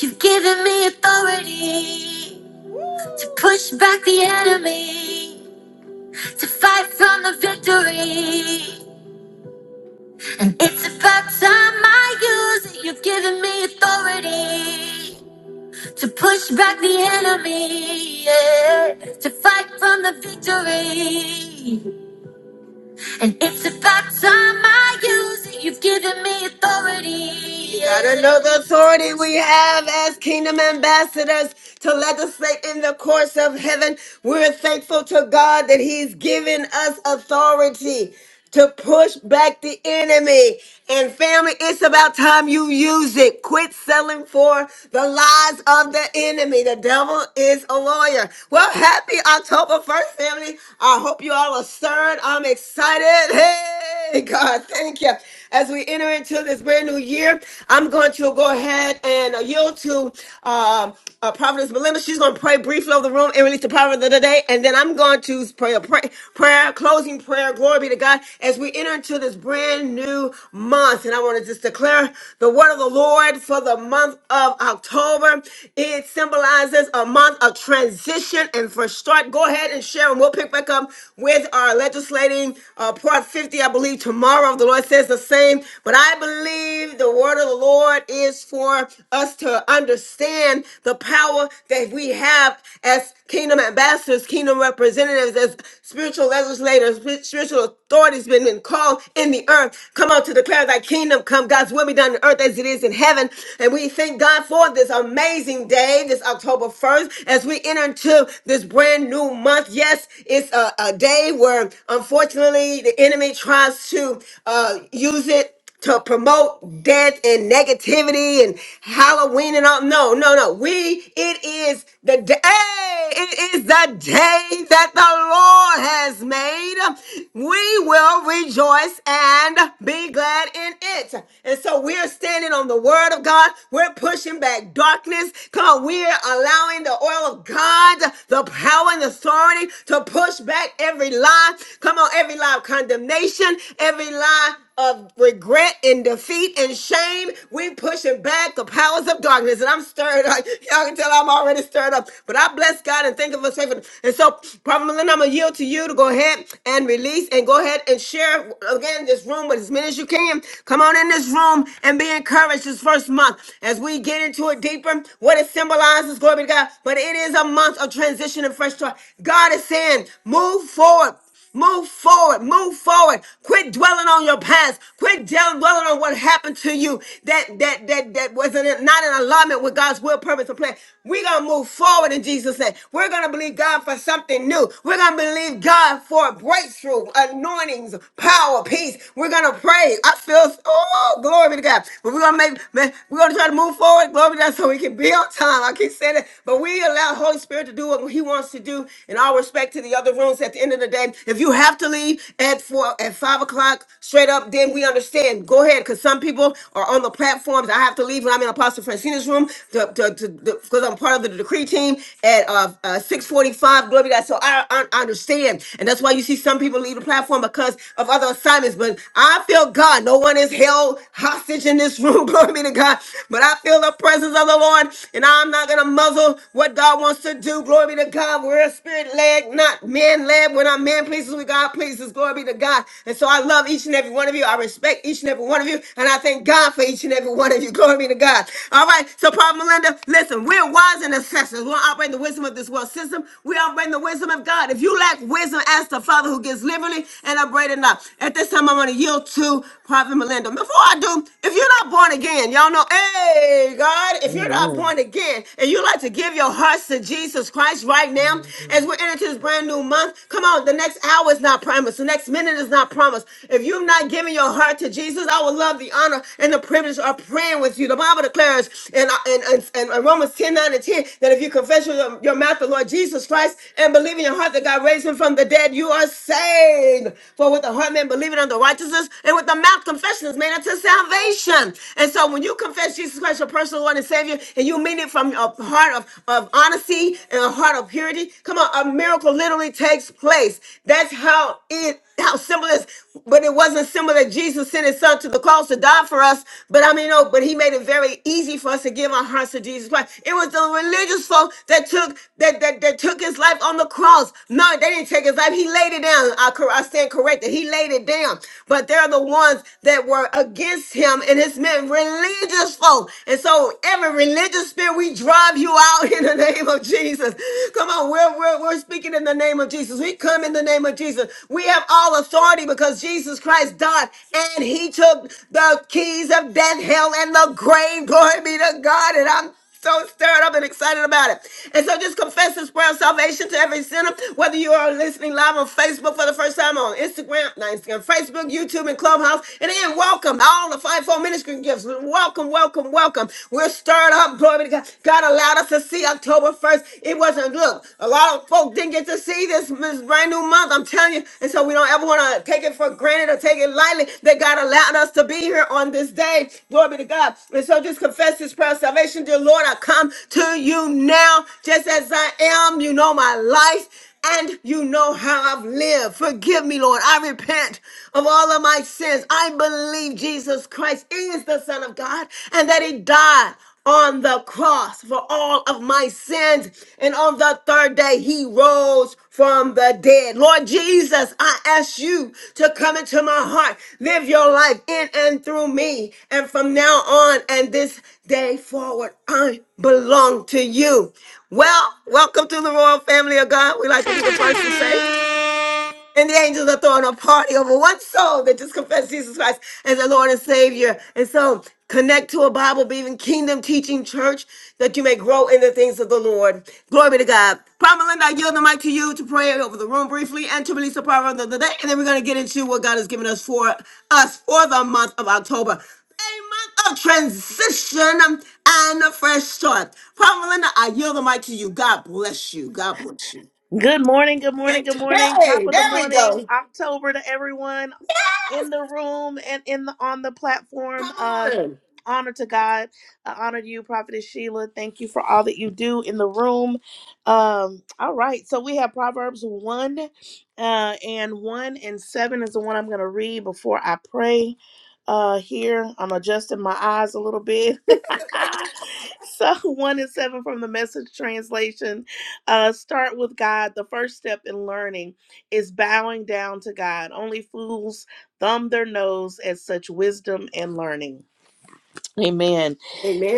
Speaker 1: You've given me authority to push back the enemy. to fight from the victory. It's about time I use it. You've given me authority to push back the enemy, yeah. to fight from the victory. And it's about time I use it. You've given me authority. You gotta know the authority we have as kingdom ambassadors to legislate in the courts of heaven. We're thankful to God that He's given us authority. to push back the enemy. And family, it's about time you use it. Quit selling for the lies of the enemy. The devil is a lawyer. Well, happy October 1st, family. I hope you all are stirred. I'm excited. Hey, God, thank you. As we enter into this brand new year, I'm going to go ahead and uh, yield to um, uh, Providence Melinda. She's going to pray briefly over the room and release the power of the day. And then I'm going to pray a pray, prayer, closing prayer. Glory be to God. As we enter into this brand new month, and I want to just declare the word of the Lord for the month of October. It symbolizes a month of transition and for start. Go ahead and share, and we'll pick back up with our legislating uh, Part 50 I believe tomorrow the Lord says the same, but I believe the word of the Lord is for us to understand the power that we have as kingdom ambassadors, kingdom representatives, as spiritual legislators, spiritual authorities been been called in the earth. Come on to declare thy kingdom come, God's will be done on earth as it is in heaven. And we thank God for this amazing day, this October 1st, as we enter into this brand new month. Yes, it's a, a day where unfortunately unfortunately, the enemy tries to uh, use it to promote death and negativity and Halloween and all. No, no, no. We, it is the day. It is the day that the Lord has made. We will rejoice and be glad in it. And so we're standing on the word of God. We're pushing back darkness. Come on, we're allowing the oil of God, the power and authority to push push back every lie. Come on, every lie of condemnation, every lie of regret and defeat and shame. We're pushing back the powers of darkness. And I'm stirred. Like, y'all can tell I'm already stirred up. But I bless God and thank Him for His faithfulness. And so, Prophet Melinda, I'm going to yield to you to go ahead and release and go ahead and share again this room with as many as you can. Come on in this room and be encouraged this first month as we get into it deeper. What it symbolizes, glory be to God. But it is a month of transition and fresh start. God is saying, move forward. Move forward, move forward. Quit dwelling on your past. Quit dwell- dwelling on what happened to you that that that that wasn't in- not in alignment with God's will, purpose, and plan. We're gonna move forward in Jesus' name. We're gonna believe God for something new. We're gonna believe God for breakthrough, anointings, power, peace. We're gonna pray. I feel oh glory be to God. But we're gonna make man, we're gonna try to move forward. Glory be to God so we can be on time. I keep saying it, but we allow Holy Spirit to do what He wants to do. In all respect to the other rooms, at the end of the day, if you have to leave at four, at five o'clock, straight up, then we understand. Go ahead, because some people are on the platforms. I have to leave when I'm in Apostle Francina's room to because I'm part of the decree team at uh, uh, six forty-five. Glory to God. So I, I I understand, and that's why you see some people leave the platform because of other assignments. But I feel God. No one is held hostage in this room. Glory be to God. But I feel the presence of the Lord, and and I'm not going to muzzle what God wants to do. Glory be to God. We're spirit led, not man led. We're not man pleases, we God pleases. Glory be to God. And so I love each and every one of you. I respect each and every one of you. And I thank God for each and every one of you. Glory be to God. All right. So, Prophet Melinda, listen, we're wise and assessors. We're operating the wisdom of this world system. We operate in the wisdom of God. If you lack wisdom, ask the Father who gives liberally and upbraiding not. At this time, I want to yield to Prophet Melinda. Before I do, if you're not born again, y'all know, hey, Hey, God, if you're not
Speaker 14: Amen.
Speaker 1: born again and you'd like to give your hearts to Jesus Christ right now as we're entering into this brand new month, come on, the next hour is not promised. The next minute is not promised. If you've not given your heart to Jesus, I would love the honor and the privilege of praying with you. The Bible declares in, in, in, in Romans 10 9 and 10 that if you confess with your, your mouth the Lord Jesus Christ and believe in your heart that God raised him from the dead, you are saved. For with the heart man believing unto righteousness and with the mouth confession is made unto salvation. And so when you confess Jesus Christ, your personal Lord and Savior, and you mean it from a heart of, of honesty and a heart of purity, come on, a miracle literally takes place. That's how it how simple it is. But it wasn't simple that Jesus sent his son to the cross to die for us. But I mean, no, but he made it very easy for us to give our hearts to Jesus Christ. It was the religious folk that took that that, that took his life on the cross. No, they didn't take his life. He laid it down. I, cor- I stand corrected. He laid it down. But they're the ones that were were against him and his men, religious folk. And so, every religious spirit, we drive you out in the name of Jesus. Come on, we're, we're, we're speaking in the name of Jesus. We come in the name of Jesus. We have all authority because Jesus Christ died and he took the keys of death, hell, and the grave. Glory be to God. And I'm so stirred up and excited about it. And so just confess this prayer of salvation to every sinner, whether you are listening live on Facebook for the first time, on Instagram, not Instagram, Facebook, YouTube, and Clubhouse. And again, welcome all the fivefold ministry gifts. Welcome, welcome, welcome. We're stirred up. Glory to God. God allowed us to see October 1st. It wasn't, look, a lot of folk didn't get to see this, this brand new month. I'm telling you. And so we don't ever want to take it for granted or take it lightly that God allowed us to be here on this day. Glory be to God. And so just confess this prayer of salvation. Dear Lord, I come to you now just as I am. You know my life and you know how I've lived. Forgive me, Lord. I repent of all of my sins. I believe Jesus Christ is the Son of God and that He died on the cross for all of my sins. And on the third day, he rose from the dead. Lord Jesus, I ask you to come into my heart, live your life in and through me. And from now on and this day forward, I belong to you. Well, welcome to the royal family of God. We like to be the first to say. And the angels are throwing a party over one soul that just confessed Jesus Christ as their Lord and Savior. And so connect to a Bible believing kingdom teaching church that you may grow in the things of the Lord. Glory be to God. Prophet Linda, I yield the mic to you to pray over the room briefly and to release the power of the day. And then we're going to get into what God has given us for us for the month of October. A month of transition and a fresh start. Prophet Linda, I yield the mic to you. God bless you. God bless you.
Speaker 14: Good morning, good
Speaker 1: Okay.
Speaker 14: morning, good morning.
Speaker 1: Hey,
Speaker 14: Top of
Speaker 1: there
Speaker 14: the
Speaker 1: we
Speaker 14: morning,
Speaker 1: go.
Speaker 14: October to everyone. in the room and in the on the
Speaker 1: Come
Speaker 14: platform. Uh,
Speaker 1: on.
Speaker 14: honor to God. I honor you, Prophetess Sheila. Thank you for all that you do in the room. Um, all right, so we have Proverbs one, uh, and one and seven is the one I'm going to read before I pray. Uh, here I'm adjusting my eyes a little bit. so one and seven from the Message translation. Uh, start with God. The first step in learning is bowing down to God. Only fools thumb their nose at such wisdom and learning. Amen.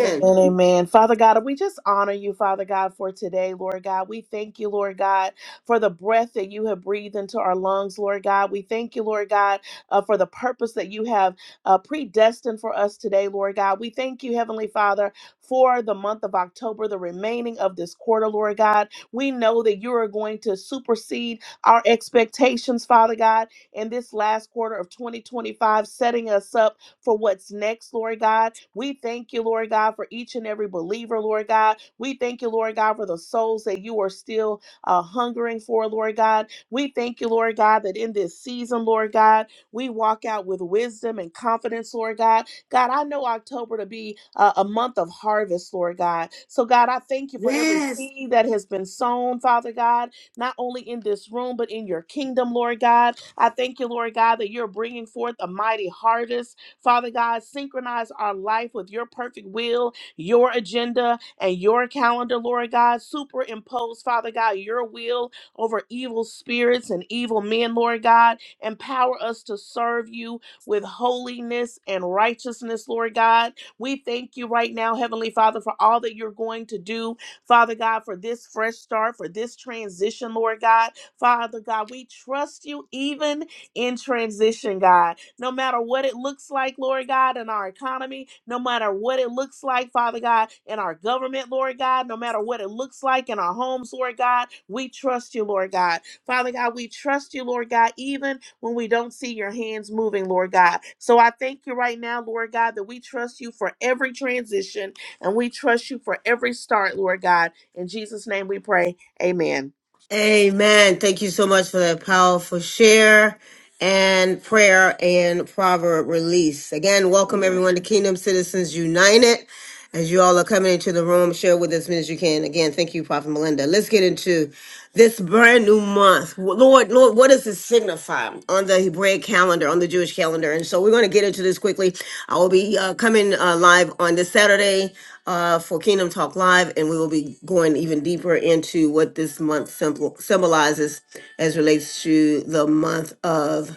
Speaker 14: Amen, amen. Father God, we just honor you, Father God, for today, Lord God. We thank you, Lord God, for the breath that you have breathed into our lungs, Lord God. We thank you, Lord God, uh, for the purpose that you have uh, predestined for us today, Lord God. We thank you, Heavenly Father, for the month of October, the remaining of this quarter, Lord God. We know that you are going to supersede our expectations, Father God, in this last quarter of 2025, setting us up for what's next, Lord God. We thank you, Lord God, for each and every believer, Lord God. We thank you, Lord God, for the souls that you are still uh, hungering for, Lord God. We thank you, Lord God, that in this season, Lord God, we walk out with wisdom and confidence, Lord God. God, I know October to be uh, a month of harvest, Lord God. So, God, I thank you for every
Speaker 1: Yes.
Speaker 14: seed that has been sown, Father God, not only in this room, but in your kingdom, Lord God. I thank you, Lord God, that you're bringing forth a mighty harvest Father God, synchronize our life with your perfect will, your agenda, and your calendar, Lord God. Superimpose, Father God, your will over evil spirits and evil men, Lord God. Empower us to serve you with holiness and righteousness, Lord God. We thank you right now, Heavenly Father, for all that you're going to do, Father God, for this fresh start, for this transition, Lord God. Father God, we trust you even in transition, God. No matter what it looks like, Lord God, in our economy, no matter what it looks like, Father God, in our government, Lord God, no matter what it looks like in our homes, Lord God, we trust you, Lord God. Father God, we trust you, Lord God, even when we don't see your hands moving, Lord God. So I thank you right now, Lord God, that we trust you for every transition and we trust you for every start, Lord God. In Jesus' name we pray. Amen.
Speaker 1: Amen. Thank you so much for that powerful share and prayer and proverb release. Again, welcome everyone to Kingdom Citizens United. As you all are coming into the room, share with us as many as you can. Again, thank you, Prophet Melinda. Let's get into this brand new month. Lord, Lord, what does this signify on the Hebraic calendar, on the Jewish calendar? And so we're going to get into this quickly. I will be uh, coming uh, live on this Saturday uh, for Kingdom Talk Live, and we will be going even deeper into what this month symbol- symbolizes as relates to the month of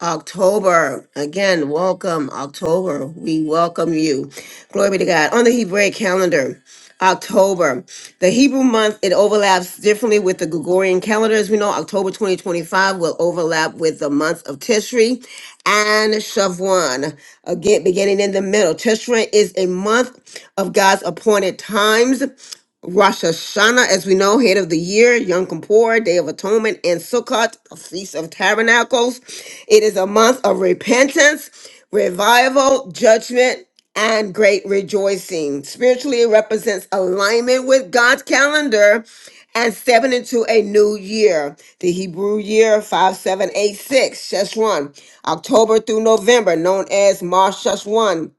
Speaker 1: October. Again, welcome, October. We welcome you. Glory be to God. On the Hebraic calendar, October. The Hebrew month, it overlaps differently with the Gregorian calendar. As we know, October 2025 will overlap with the month of Tishri and Shavuot. Again, beginning in the middle. Tishri is a month of God's appointed times. Rosh Hashanah, as we know, head of the year, Yom Kippur, Day of Atonement, and Sukkot, a Feast of Tabernacles. It is a month of repentance, revival, judgment, and great rejoicing. Spiritually, it represents alignment with God's calendar and stepping into a new year. The Hebrew year 5786, Sheshwan, October through November, known as Mar Sheshwan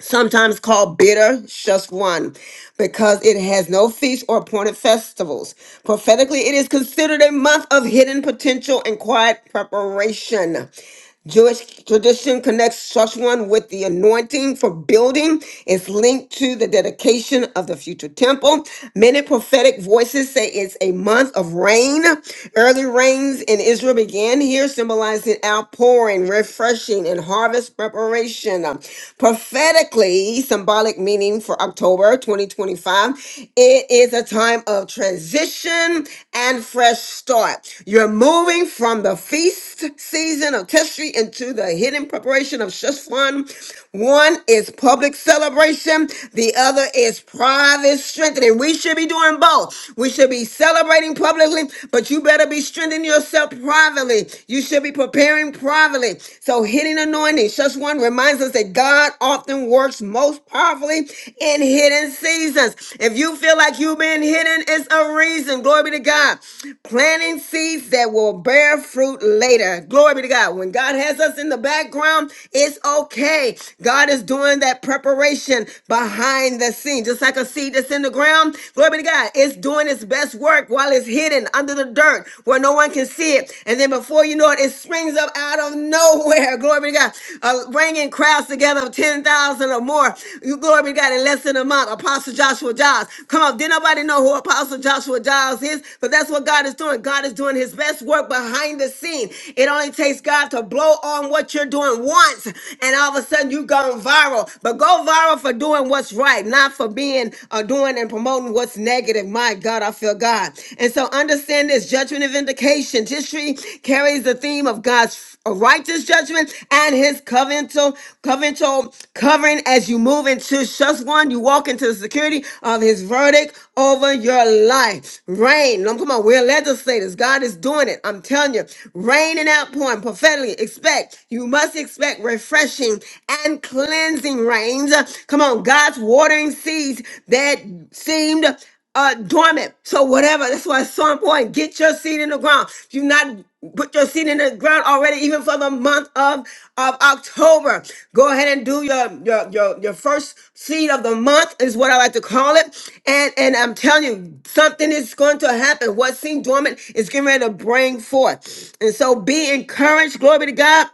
Speaker 1: sometimes called bitter one, because it has no feast or appointed festivals. Prophetically, it is considered a month of hidden potential and quiet preparation. Jewish tradition connects Shushwan with the anointing for building. It's linked to the dedication of the future temple. Many prophetic voices say it's a month of rain. Early rains in Israel began here, symbolizing outpouring, refreshing, and harvest preparation. Prophetically, symbolic meaning for October 2025, it is a time of transition and fresh start. You're moving from the feast season of Tishri into the hidden preparation of Shushan. One is public celebration, the other is private strengthening. We should be doing both. We should be celebrating publicly, but you better be strengthening yourself privately. You should be preparing privately. So, hidden anointing, Shushan reminds us that God often works most powerfully in hidden seasons. If you feel like you've been hidden, it's a reason. Glory be to God. Planting seeds that will bear fruit later. Glory be to God. When God has us in the background, it's okay. God is doing that preparation behind the scene. Just like a seed that's in the ground, glory be to God. It's doing its best work while it's hidden under the dirt where no one can see it. And then before you know it, it springs up out of nowhere nowhere. Glory to God. Uh, bringing crowds together of 10,000 or more. You glory be to God in less than a month. Apostle Joshua Giles. Come on. Did nobody know who Apostle Joshua Giles is? But that's what God is doing. God is doing his best work behind the scene. It only takes God to blow on what you're doing once, and all of a sudden you've gone viral. But go viral for doing what's right, not for being uh, doing and promoting what's negative. My God, I feel God. And so understand this judgment and vindication. History carries the theme of God's a righteous judgment and his covenantal, covenantal covering as you move into just one. You walk into the security of his verdict over your life. Reign. No, Come on, we're legislators. God is doing it. I'm telling you. Reign and outpouring prophetically. Expect. You must expect refreshing and cleansing rains. Come on, God's watering seeds that seemed uh, dormant. So whatever. That's why it's so important. Get your seed in the ground. If you not put your seed in the ground already, even for the month of, of October, go ahead and do your, your your your first seed of the month is what I like to call it. And and I'm telling you, something is going to happen. What seemed dormant is getting ready to bring forth. And so be encouraged. Glory to God.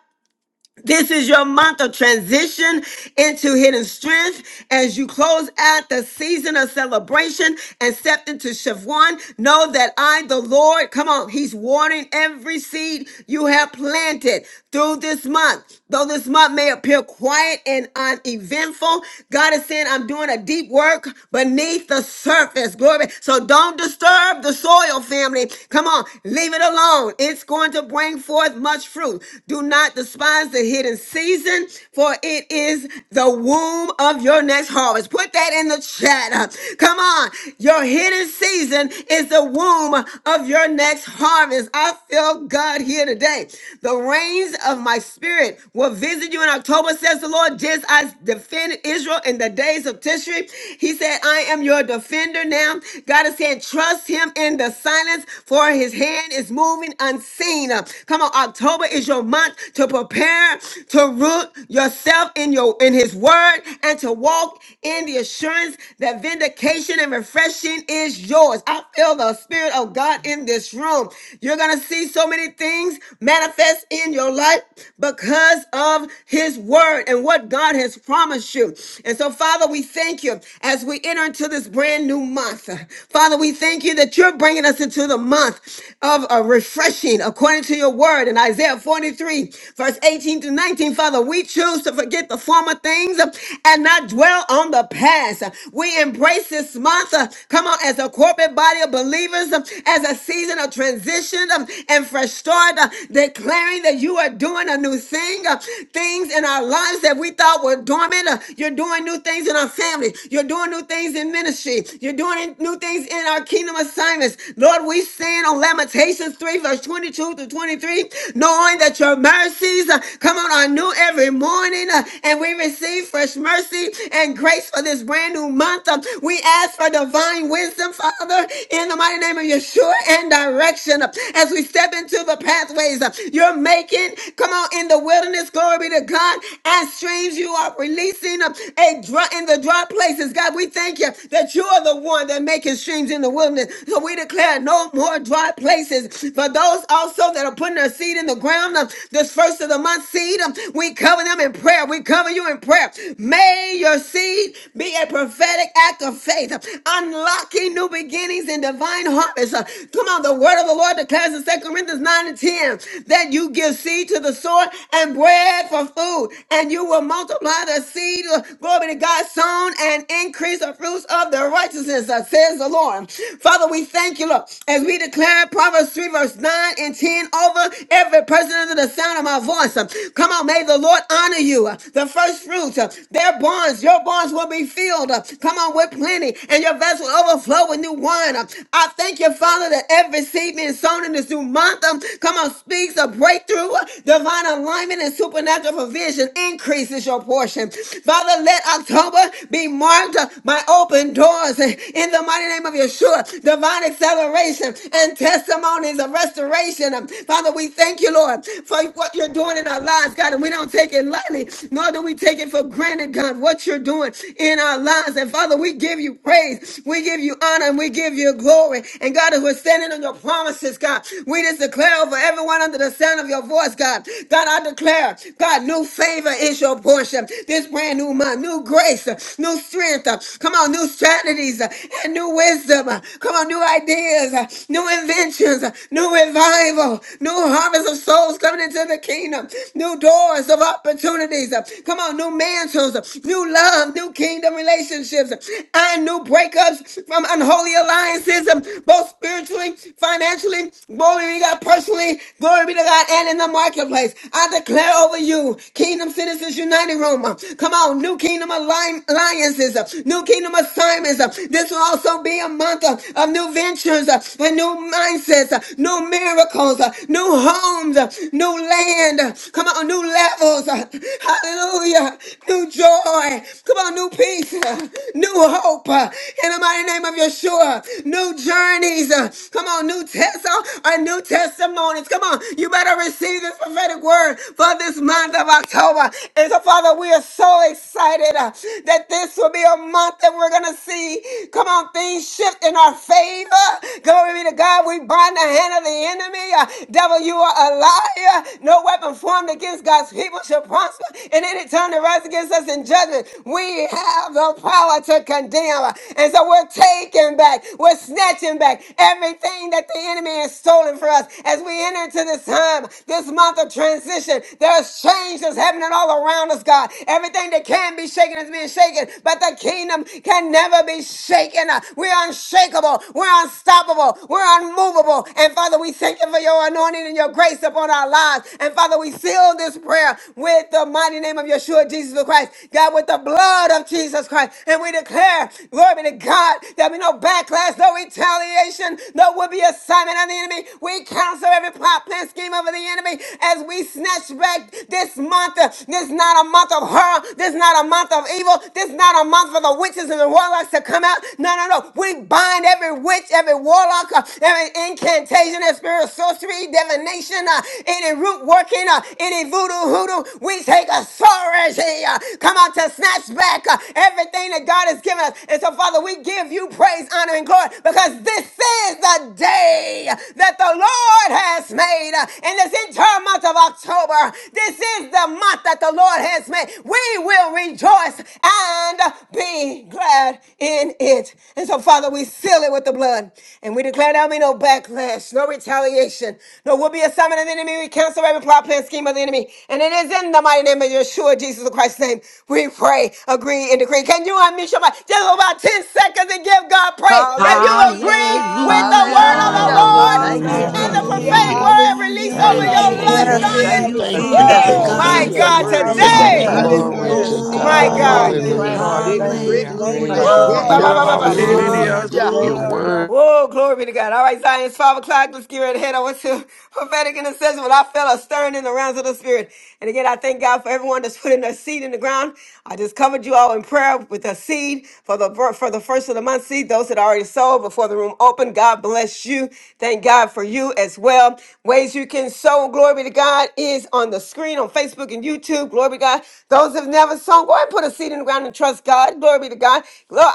Speaker 1: This is your month of transition into hidden strength as you close out the season of celebration and step into Shavuot. Know that I, the Lord, come on, He's watering every seed you have planted through this month. Though this month may appear quiet and uneventful, God is saying, I'm doing a deep work beneath the surface. Glory. So don't disturb the soil, family. Come on, leave it alone. It's going to bring forth much fruit. Do not despise the hidden season, for it is the womb of your next harvest. Put that in the chat. Come on. Your hidden season is the womb of your next harvest. I feel God here today. The rains of my spirit will visit you in October, says the Lord, just as I defended Israel in the days of Tishri. He said, I am your defender now. God is saying, trust him in the silence, for his hand is moving unseen. Come on, October is your month to prepare to root yourself in your in his word and to walk in the assurance that vindication and refreshing is yours. I feel the spirit of God in this room. You're gonna see so many things manifest in your life because of his word and what God has promised you. And so, Father, we thank you as we enter into this brand new month. Father, we thank you that you're bringing us into the month of arose a refreshing according to your word in Isaiah 43, verse 18 to 19. Father, we choose to forget the former things uh, and not dwell on the past. Uh, We embrace this month, uh, come on, as a corporate body of believers, um, as a season of transition um, and fresh start, uh, declaring that you are doing a new thing, uh, things in our lives that we thought were dormant. uh, You're doing new things in our family. You're doing new things in ministry. You're doing new things in our kingdom assignments. Lord, we we stand on Lamentations 3, verse 22 through 23, knowing that your mercies uh, come on are new every morning, uh, and we receive fresh mercy and grace for this brand new month. Uh, we ask for divine wisdom, Father, in the mighty name of Yeshua and direction uh, as we step into the pathways uh, you're making. Come on, in the wilderness, glory be to God, and streams you are releasing uh, a dry, in the dry places. God, we thank you that you are the one that making streams in the wilderness wilderness. So we declare no more dry places. For those also that are putting their seed in the ground, uh, this first of the month seed, um, we cover them in prayer. We cover you in prayer. May your seed be a prophetic act of faith, uh, unlocking new beginnings and divine harvest. Uh, Come on, the word of the Lord declares in Second Corinthians 9 and 10 that you give seed to the sower and bread for food, and you will multiply the seed, uh, glory to God, sown and increase the fruits of the righteousness is, uh, says the Lord. Father, we thank you, Lord, as we declare Proverbs 3, verse 9 and 10 over every person under the sound of my voice. Uh, Come on, may the Lord honor you. Uh, The first fruits, uh, their barns, your barns will be filled. Uh, Come on, with plenty, and your vessel overflow with new wine. Uh, I thank you, Father, that every seed being sown in this new month, um, come on, speaks of breakthrough, uh, divine alignment, and supernatural provision increases your portion. Father, let October be marked uh, by by open doors in the mighty name of Yeshua. Divine acceleration and testimonies of restoration. Father, we thank you, Lord, for what you're doing in our lives, God. And we don't take it lightly, nor do we take it for granted, God, what you're doing in our lives. And Father, we give you praise, we give you honor, and we give you glory. And God, as we're standing on your promises, God, we just declare over everyone under the sound of your voice, God. God, I declare, God, new favor is your portion. This brand new month, new grace uh, new strength. uh, Come on, new strategies uh, and new wisdom. uh, Come on, new ideas, uh, new inventions, uh, new revival, new harvest of souls coming into the kingdom, new doors of opportunities. uh, Come on, new mantles, uh, new love, new kingdom relationships, uh, and new breakups from unholy alliances, um, both spiritually, financially, glory be to God personally, glory be to God, and in the marketplace. I declare over you, Kingdom Citizens United Room. uh, Come Come on, New Kingdom align- Alliances, uh, New Kingdom Assignments. uh, This will also be a month uh, of new ventures uh, and new mindsets, uh, new miracles, uh, new homes, uh, new land. uh, Come on, new levels. uh, Hallelujah. New joy. Come on, new peace, uh, new hope. uh, In the mighty name of Yeshua, new journeys. uh, Come on, new tests uh, or new testimonies. Come on, you better receive this prophetic word for this month of October. And so, Father, we are so excited uh, that this will be a month that we're going to see, come on, things shift in our favor. Glory be to God. We bind the hand of the enemy. Uh, devil, you are a liar. No weapon formed against God's people shall prosper. And any tongue that rise against us in judgment, we have the power to condemn. Uh, And so we're taking back, we're snatching back everything that the enemy has stolen for us as we enter into this time, this month of transition. There are there's change that's happening all around us, God. Everything that can be shaken is being shaken, but the kingdom can never be shaken. We're unshakable. We're unstoppable. We're unmovable. And Father, we thank you for your anointing and your grace upon our lives. And Father, we seal this prayer with the mighty name of Yeshua, Jesus the Christ. God, with the blood of Jesus Christ. And we declare, glory be to God, there'll be no backlash, no retaliation, no would be assignment of the enemy. We cancel every plot, plan, scheme of the enemy as we snatch back this month. Uh, This is not a month of horror. This is not a month of evil. This is not a month for the witches and the warlocks to come out. No, no, no. We bind every witch, every warlock, uh, every incantation, every spirit of sorcery, divination, uh, any root working, uh, any voodoo hoodoo. We take authority authority. uh, Come on to snatch back uh, everything that God has given us. And so, Father, we give you praise, honor, and glory because this is the day that the Lord has made. Uh, In this entire month of October, this is the month that the Lord has made. We will rejoice and be glad in it. And so, Father, we seal it with the blood. And we declare there'll be no backlash, no retaliation, no will be a summon of the enemy. We cancel every plot, plan, scheme of the enemy. And it is in the mighty name of Yeshua, Jesus Christ's name, we pray, agree, and decree. Can you unmute your mic? Just for about 10 seconds and give God praise. If you agree with the
Speaker 2: Hallelujah.
Speaker 1: word of the
Speaker 6: Hallelujah.
Speaker 4: Hallelujah.
Speaker 7: Hallelujah,
Speaker 1: Lord
Speaker 4: Thank
Speaker 7: Jesus.
Speaker 4: you,
Speaker 15: Hallelujah.
Speaker 1: and the
Speaker 7: Thank
Speaker 4: Jesus.
Speaker 2: Hallelujah.
Speaker 7: you,
Speaker 8: Hallelujah.
Speaker 1: prophetic
Speaker 2: I
Speaker 15: Hallelujah.
Speaker 7: Lord.
Speaker 1: word released
Speaker 2: receive
Speaker 8: Thank
Speaker 2: it.
Speaker 1: over
Speaker 8: you,
Speaker 4: Thank you,
Speaker 15: Praise
Speaker 2: I
Speaker 6: Hallelujah.
Speaker 15: your
Speaker 1: your
Speaker 7: Thank you,
Speaker 15: holy
Speaker 1: life,
Speaker 16: Yes,
Speaker 4: Jesus.
Speaker 2: receive it.
Speaker 8: Jesus.
Speaker 6: Thank
Speaker 15: name.
Speaker 2: I
Speaker 1: Zion,
Speaker 4: Thank
Speaker 9: you,
Speaker 4: you,
Speaker 7: Father.
Speaker 6: you,
Speaker 16: Jesus.
Speaker 15: Thank you,
Speaker 7: Thank
Speaker 4: Jesus.
Speaker 9: Jesus.
Speaker 7: you,
Speaker 2: receive
Speaker 4: I
Speaker 16: Yes.
Speaker 6: Father
Speaker 2: it.
Speaker 9: Glory
Speaker 1: woo,
Speaker 9: to your
Speaker 1: my
Speaker 15: Jesus.
Speaker 6: God.
Speaker 4: receive
Speaker 16: Hallelujah.
Speaker 7: Jesus.
Speaker 9: name,
Speaker 4: your
Speaker 1: God,
Speaker 8: Hallelujah.
Speaker 2: I
Speaker 9: God.
Speaker 4: word
Speaker 9: I
Speaker 3: Hallelujah,
Speaker 8: Thank
Speaker 4: today.
Speaker 8: you,
Speaker 6: Thank
Speaker 9: receive
Speaker 1: today,
Speaker 9: it
Speaker 2: receive
Speaker 9: and
Speaker 3: Jesus.
Speaker 2: it.
Speaker 8: Lord.
Speaker 9: it
Speaker 16: Yes.
Speaker 6: you,
Speaker 2: I
Speaker 9: is
Speaker 15: Glory
Speaker 3: Glory
Speaker 7: Hallelujah,
Speaker 4: Hallelujah.
Speaker 3: to
Speaker 15: to
Speaker 16: Yes.
Speaker 9: so.
Speaker 3: God.
Speaker 2: receive
Speaker 1: my
Speaker 2: it.
Speaker 15: God.
Speaker 6: Lord.
Speaker 4: Oh,
Speaker 3: Hallelujah.
Speaker 1: God,
Speaker 8: Hallelujah.
Speaker 7: hallelujah.
Speaker 9: Hallelujah.
Speaker 16: Hallelujah, Lord.
Speaker 15: Hallelujah.
Speaker 9: And
Speaker 2: Hallelujah.
Speaker 9: it
Speaker 4: transit,
Speaker 16: Thank
Speaker 9: is
Speaker 16: you,
Speaker 7: Thank
Speaker 9: so
Speaker 7: you,
Speaker 9: in
Speaker 8: Hallelujah.
Speaker 9: the
Speaker 2: Thank
Speaker 9: name
Speaker 7: thank
Speaker 2: you,
Speaker 1: woo,
Speaker 15: Praise
Speaker 7: you,
Speaker 9: of
Speaker 16: Jesus.
Speaker 15: your
Speaker 6: Hallelujah.
Speaker 7: thank
Speaker 2: Lord.
Speaker 1: ba,
Speaker 12: What
Speaker 1: ba,
Speaker 4: transitions.
Speaker 7: you,
Speaker 15: name.
Speaker 9: Jesus.
Speaker 1: ba, ba,
Speaker 12: about
Speaker 1: ba, shit.
Speaker 7: Jesus.
Speaker 12: Shady
Speaker 9: Hallelujah.
Speaker 6: Glory,
Speaker 15: Hallelujah.
Speaker 8: Hallelujah.
Speaker 4: Hallelujah.
Speaker 6: glory.
Speaker 16: Glory
Speaker 15: Your
Speaker 2: Hallelujah.
Speaker 7: Father,
Speaker 2: Ra-
Speaker 7: I
Speaker 15: word.
Speaker 1: Whoa, glory be to God. All right, Zion, it's 5 o'clock. Let's get ready to head over to prophetic intercession. Well, I felt a stirring in the realms of the spirit. And again, I thank God for everyone that's putting their seed in the ground. I just covered you all in prayer with a seed for the for the first of the month seed. Those that already sold before the room opened, God bless you. Thank God for you as well. Ways you can sow, glory be to God, is on the screen on Facebook and YouTube. Glory be to God. Those that have never sown, go ahead and put a seed in the ground and trust God. Glory be to God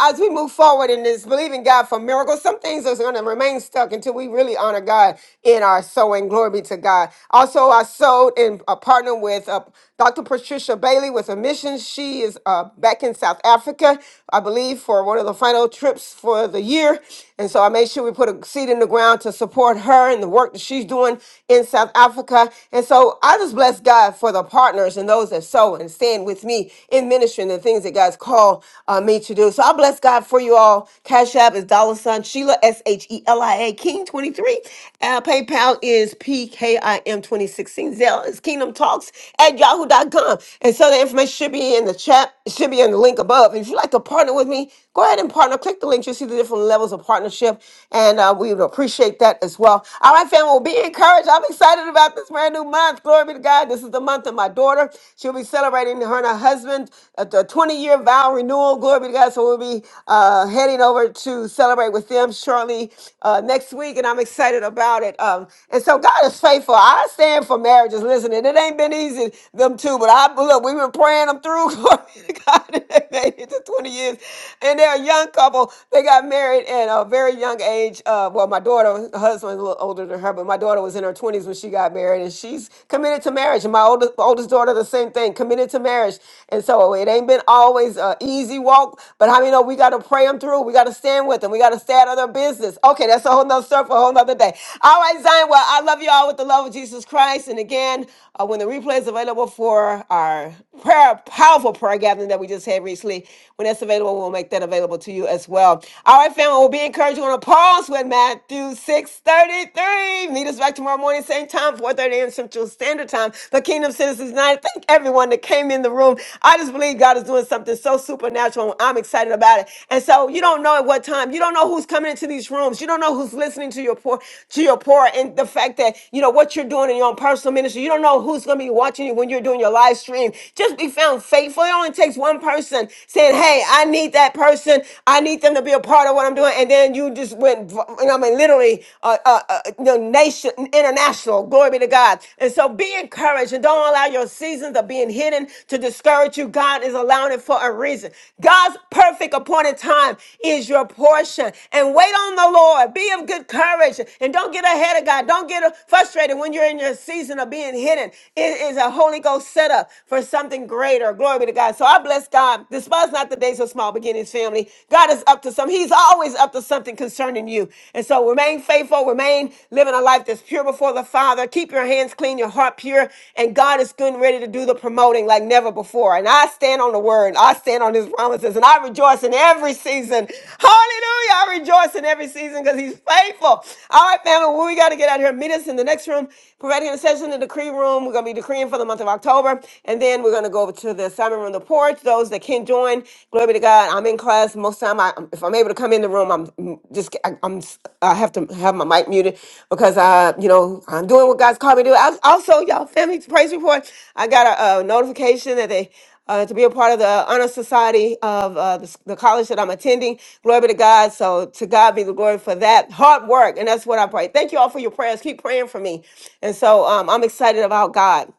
Speaker 1: as we move forward in this believing God for miracles, some things are going to remain stuck until we really honor God in our sowing. Glory be to God. Also, I sowed and uh, partnered with uh, Dr. Patricia Bailey with a mission. She is uh, back in South Africa, I believe, for one of the final trips for the year. And so I made sure we put a seed in the ground to support her and the work that she's doing in South Africa. And so I just bless God for the partners and those that sow and stand with me in ministry and the things that God's called uh, me to do. So I bless God for you all. Cash App is dollar sign Sheila, S H E L I A, King 23. Uh, PayPal is PKIM 2016. Zelle is Kingdom Talks at Yahoo dot com. And so the information should be in the chat, it should be in the link above. And if you'd like to partner with me, Go ahead and partner. Click the links. You'll see the different levels of partnership, and uh, we would appreciate that as well. All right, family, well, be encouraged. I'm excited about this brand new month. Glory be to God. This is the month of my daughter. She'll be celebrating her and her husband uh, the 20 year vow renewal. Glory be to God. So we'll be uh, heading over to celebrate with them shortly uh, next week, and I'm excited about it. Um, and so God is faithful. I stand for marriages. Listen, and it ain't been easy them two, but I look, we've been praying them through. Glory be to God. They made it to 20 years. And they're a young couple. They got married at a very young age. Uh, well, my daughter, her husband's a little older than her, but my daughter was in her 20s when she got married, and she's committed to marriage. And my oldest, oldest daughter, the same thing, committed to marriage. And so it ain't been always an easy walk, but how many know we got to pray them through? We got to stand with them. We got to stay out of their business. Okay, that's a whole nother stuff for a whole nother day. All right, Zion. Well, I love you all with the love of Jesus Christ. And again, uh, when the replay is available for our prayer, powerful prayer gathering that we just had recently, when that's available, we'll make that available to you as well. All right, family, we'll be encouraged. We're going to pause with Matthew 6.33. Meet us back tomorrow morning, same time, 4.30 a.m. Central Standard Time. The Kingdom Citizens Night. Thank everyone that came in the room. I just believe God is doing something so supernatural. I'm excited about it. And so you don't know at what time. You don't know who's coming into these rooms. You don't know who's listening to your poor to your poor and the fact that you know what you're doing in your own personal ministry. You don't know who's gonna be watching you when you're doing your live stream. Just be found faithful. It only takes one person saying, Hey, I need that person, I need them to be a part of what I'm doing, and then you just went v- you know, I mean literally uh, uh, uh you know, nation international, glory be to God. And so be encouraged and don't allow your seasons of being hidden to discourage hurt you, God is allowing it for a reason. God's perfect appointed time is your portion. And wait on the Lord. Be of good courage and don't get ahead of God. Don't get frustrated when you're in your season of being hidden. It is a Holy Ghost setup for something greater. Glory be to God. So I bless God. Despise not the days of small beginnings, family. God is up to something. He's always up to something concerning you. And so remain faithful, remain living a life that's pure before the Father. Keep your hands clean, your heart pure, and God is getting ready to do the promoting like never before. And I stand on the word, I stand on his promises, and I rejoice in every season. Hallelujah. I rejoice in every season because he's faithful. All right, family, well, we got to get out of here. Meet us in the next room, right here session in the decree room. We're going to be decreeing for the month of October. And then we're going to go over to the assignment room, the porch. Those that can join, glory be to God. I'm in class class, most time I, if I'm able to come in the room, I'm mm, just I, I'm s- i am I have to have my mic muted because I you know I'm doing what God's called me to do. I, also, y'all, family praise report. I got a, a notification that they uh, to be a part of the honor society of uh, the, s- the college that I'm attending. Glory be to God. So to God be the glory for that hard work, and that's what I pray. Thank you all for your prayers. Keep praying for me, and so um, I'm excited about God.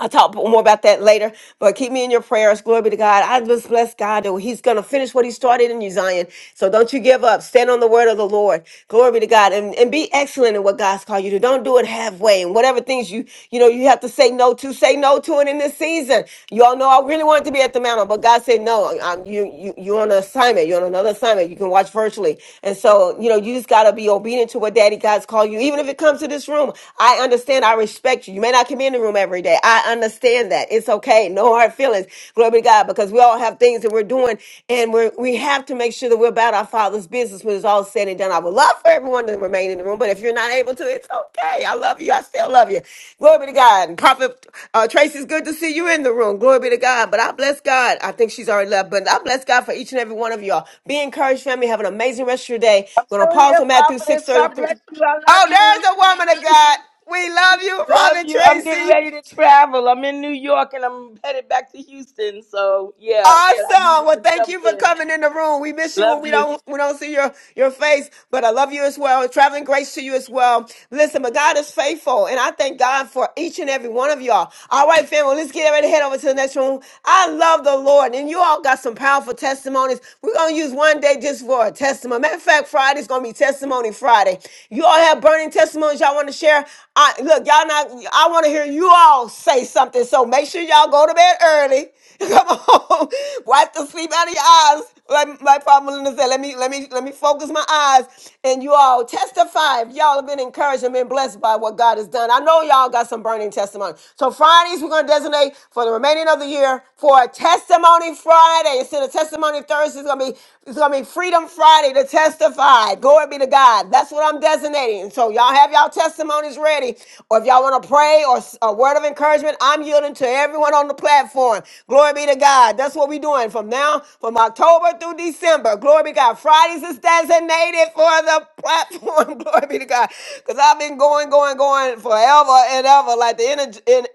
Speaker 1: I'll talk more about that later, but keep me in your prayers. Glory be to God. I just bless God that He's going to finish what He started in you, Zion. So don't you give up. Stand on the word of the Lord. Glory be to God. And, and be excellent in what God's called you to. Don't do it halfway. And whatever things you, you know, you have to say no to, say no to it in this season. You all know I really wanted to be at the mountain, but God said, no, um, you, you, you're on an assignment. You're on another assignment. You can watch virtually. And so, you know, you just got to be obedient to what Daddy God's called you. Even if it comes to this room, I understand understand. I respect you. You may not come in the room every day. I understand that. It's okay. No hard feelings. Glory be to God, because we all have things that we're doing, and we are we have to make sure that we're about our Father's business when it's all said and done. I would love for everyone to remain in the room, but if you're not able to, it's okay. I love you. I still love you. Glory be to God. And Prophet uh, Tracy, it's good to see you in the room. Glory be to God. But I bless God. I think she's already left, but I bless God for each and every one of y'all. Be encouraged, family. Have an amazing rest of your day.
Speaker 10: I'm
Speaker 1: We're gonna
Speaker 10: still
Speaker 1: pause
Speaker 10: here,
Speaker 1: on Matthew six
Speaker 10: prophetess.
Speaker 1: thirty
Speaker 10: God
Speaker 1: three.
Speaker 10: bless you. I love
Speaker 1: Oh,
Speaker 10: you.
Speaker 1: there's a woman of God. We love you,
Speaker 10: Love
Speaker 1: Robin
Speaker 10: you. I'm getting
Speaker 1: Tracy.
Speaker 10: ready to travel. I'm in New York and I'm headed back to Houston. So yeah, but I
Speaker 1: Awesome.
Speaker 10: needed
Speaker 1: Well,
Speaker 10: to
Speaker 1: thank
Speaker 10: jump
Speaker 1: you for
Speaker 10: in.
Speaker 1: coming in the room. We miss you
Speaker 10: Love
Speaker 1: when we
Speaker 10: you.
Speaker 1: don't we don't see your your face, but I love you as well. Traveling grace to you as well. Listen, but God is faithful, and I thank God for each and every one of y'all. All right, family, well, let's get ready to head over to the next room. I love the Lord, and you all got some powerful testimonies. We're gonna use one day just for a testimony. Matter of fact, Friday's gonna be Testimony Friday. You all have burning testimonies y'all want to share. I look, y'all not. I want to hear you all say something. So make sure y'all go to bed early. Come on, wipe the sleep out of your eyes. Like my father Melinda said, let me let me let me focus my eyes. And you all testify. If y'all have been encouraged and been blessed by what God has done. I know y'all got some burning testimony. So Fridays we're gonna designate for the remaining of the year for a testimony Friday. Instead of testimony Thursday, it's gonna be it's gonna be Freedom Friday to testify. Glory be to God. That's what I'm designating. Fascinating. So y'all have y'all testimonies ready, or if y'all want to pray or s- a word of encouragement, I'm yielding to everyone on the platform. Glory be to God. That's what we're doing from now, from October through December. Glory be to God. Fridays is designated for the platform. Glory be to God. Because I've been going, going, going forever and ever, like the energy, in,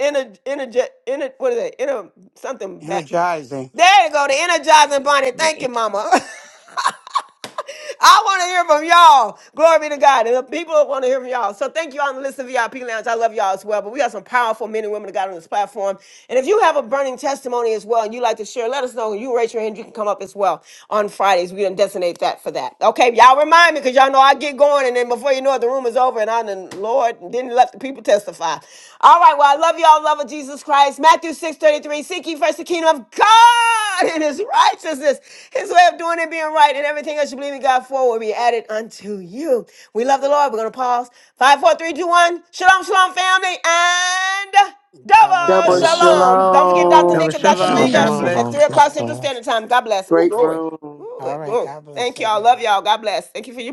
Speaker 1: energy, energy, what is it? Inner something back.
Speaker 12: Energizing.
Speaker 1: There you go, the energizing bunny. Thank you,
Speaker 17: Man,
Speaker 1: mama. I want to hear from y'all. Glory be to God. And the people want to hear from y'all. So thank you all on the Listen VIP Lounge. I love y'all as well. But we got some powerful men and women of God on this platform. And if you have a burning testimony as well and you like to share, let us know. You raise your hand. You can come up as well on Fridays. We done designate that for that. Okay, y'all remind me because y'all know I get going. And then before you know it, the room is over. And I done, Lord, didn't let the people testify. All right. well, right. Well, I love y'all. Love of Jesus Christ. Matthew six thirty three. Seek ye first the kingdom of God and his righteousness, his way of doing it, being right, and everything else you believe in God for will be added unto you. We love the Lord. We're going to pause. Five, four, three, two, one. Shalom, shalom, family. And.
Speaker 12: Shabbat
Speaker 1: Double
Speaker 17: I
Speaker 2: Double
Speaker 17: was
Speaker 12: shalom.
Speaker 17: sure.
Speaker 1: shalom. Don't forget
Speaker 17: uh,
Speaker 1: Dr.
Speaker 12: Yo,
Speaker 2: shalom.
Speaker 1: Nick and Dr.
Speaker 15: Never
Speaker 12: shalom.
Speaker 8: Double
Speaker 1: Malinga
Speaker 12: God
Speaker 18: Hallelujah.
Speaker 15: Shalom.
Speaker 1: at
Speaker 12: bless you
Speaker 1: 3 o'clock Central
Speaker 12: guys.
Speaker 8: shalom.
Speaker 1: Standard Time. God bless. Ooh,
Speaker 2: Great
Speaker 1: glory.
Speaker 2: room.
Speaker 1: Ooh,
Speaker 12: All right.
Speaker 1: glory.
Speaker 12: God bless
Speaker 1: Thank y'all.
Speaker 12: everyone.
Speaker 1: Love y'all. God bless. Thank you for your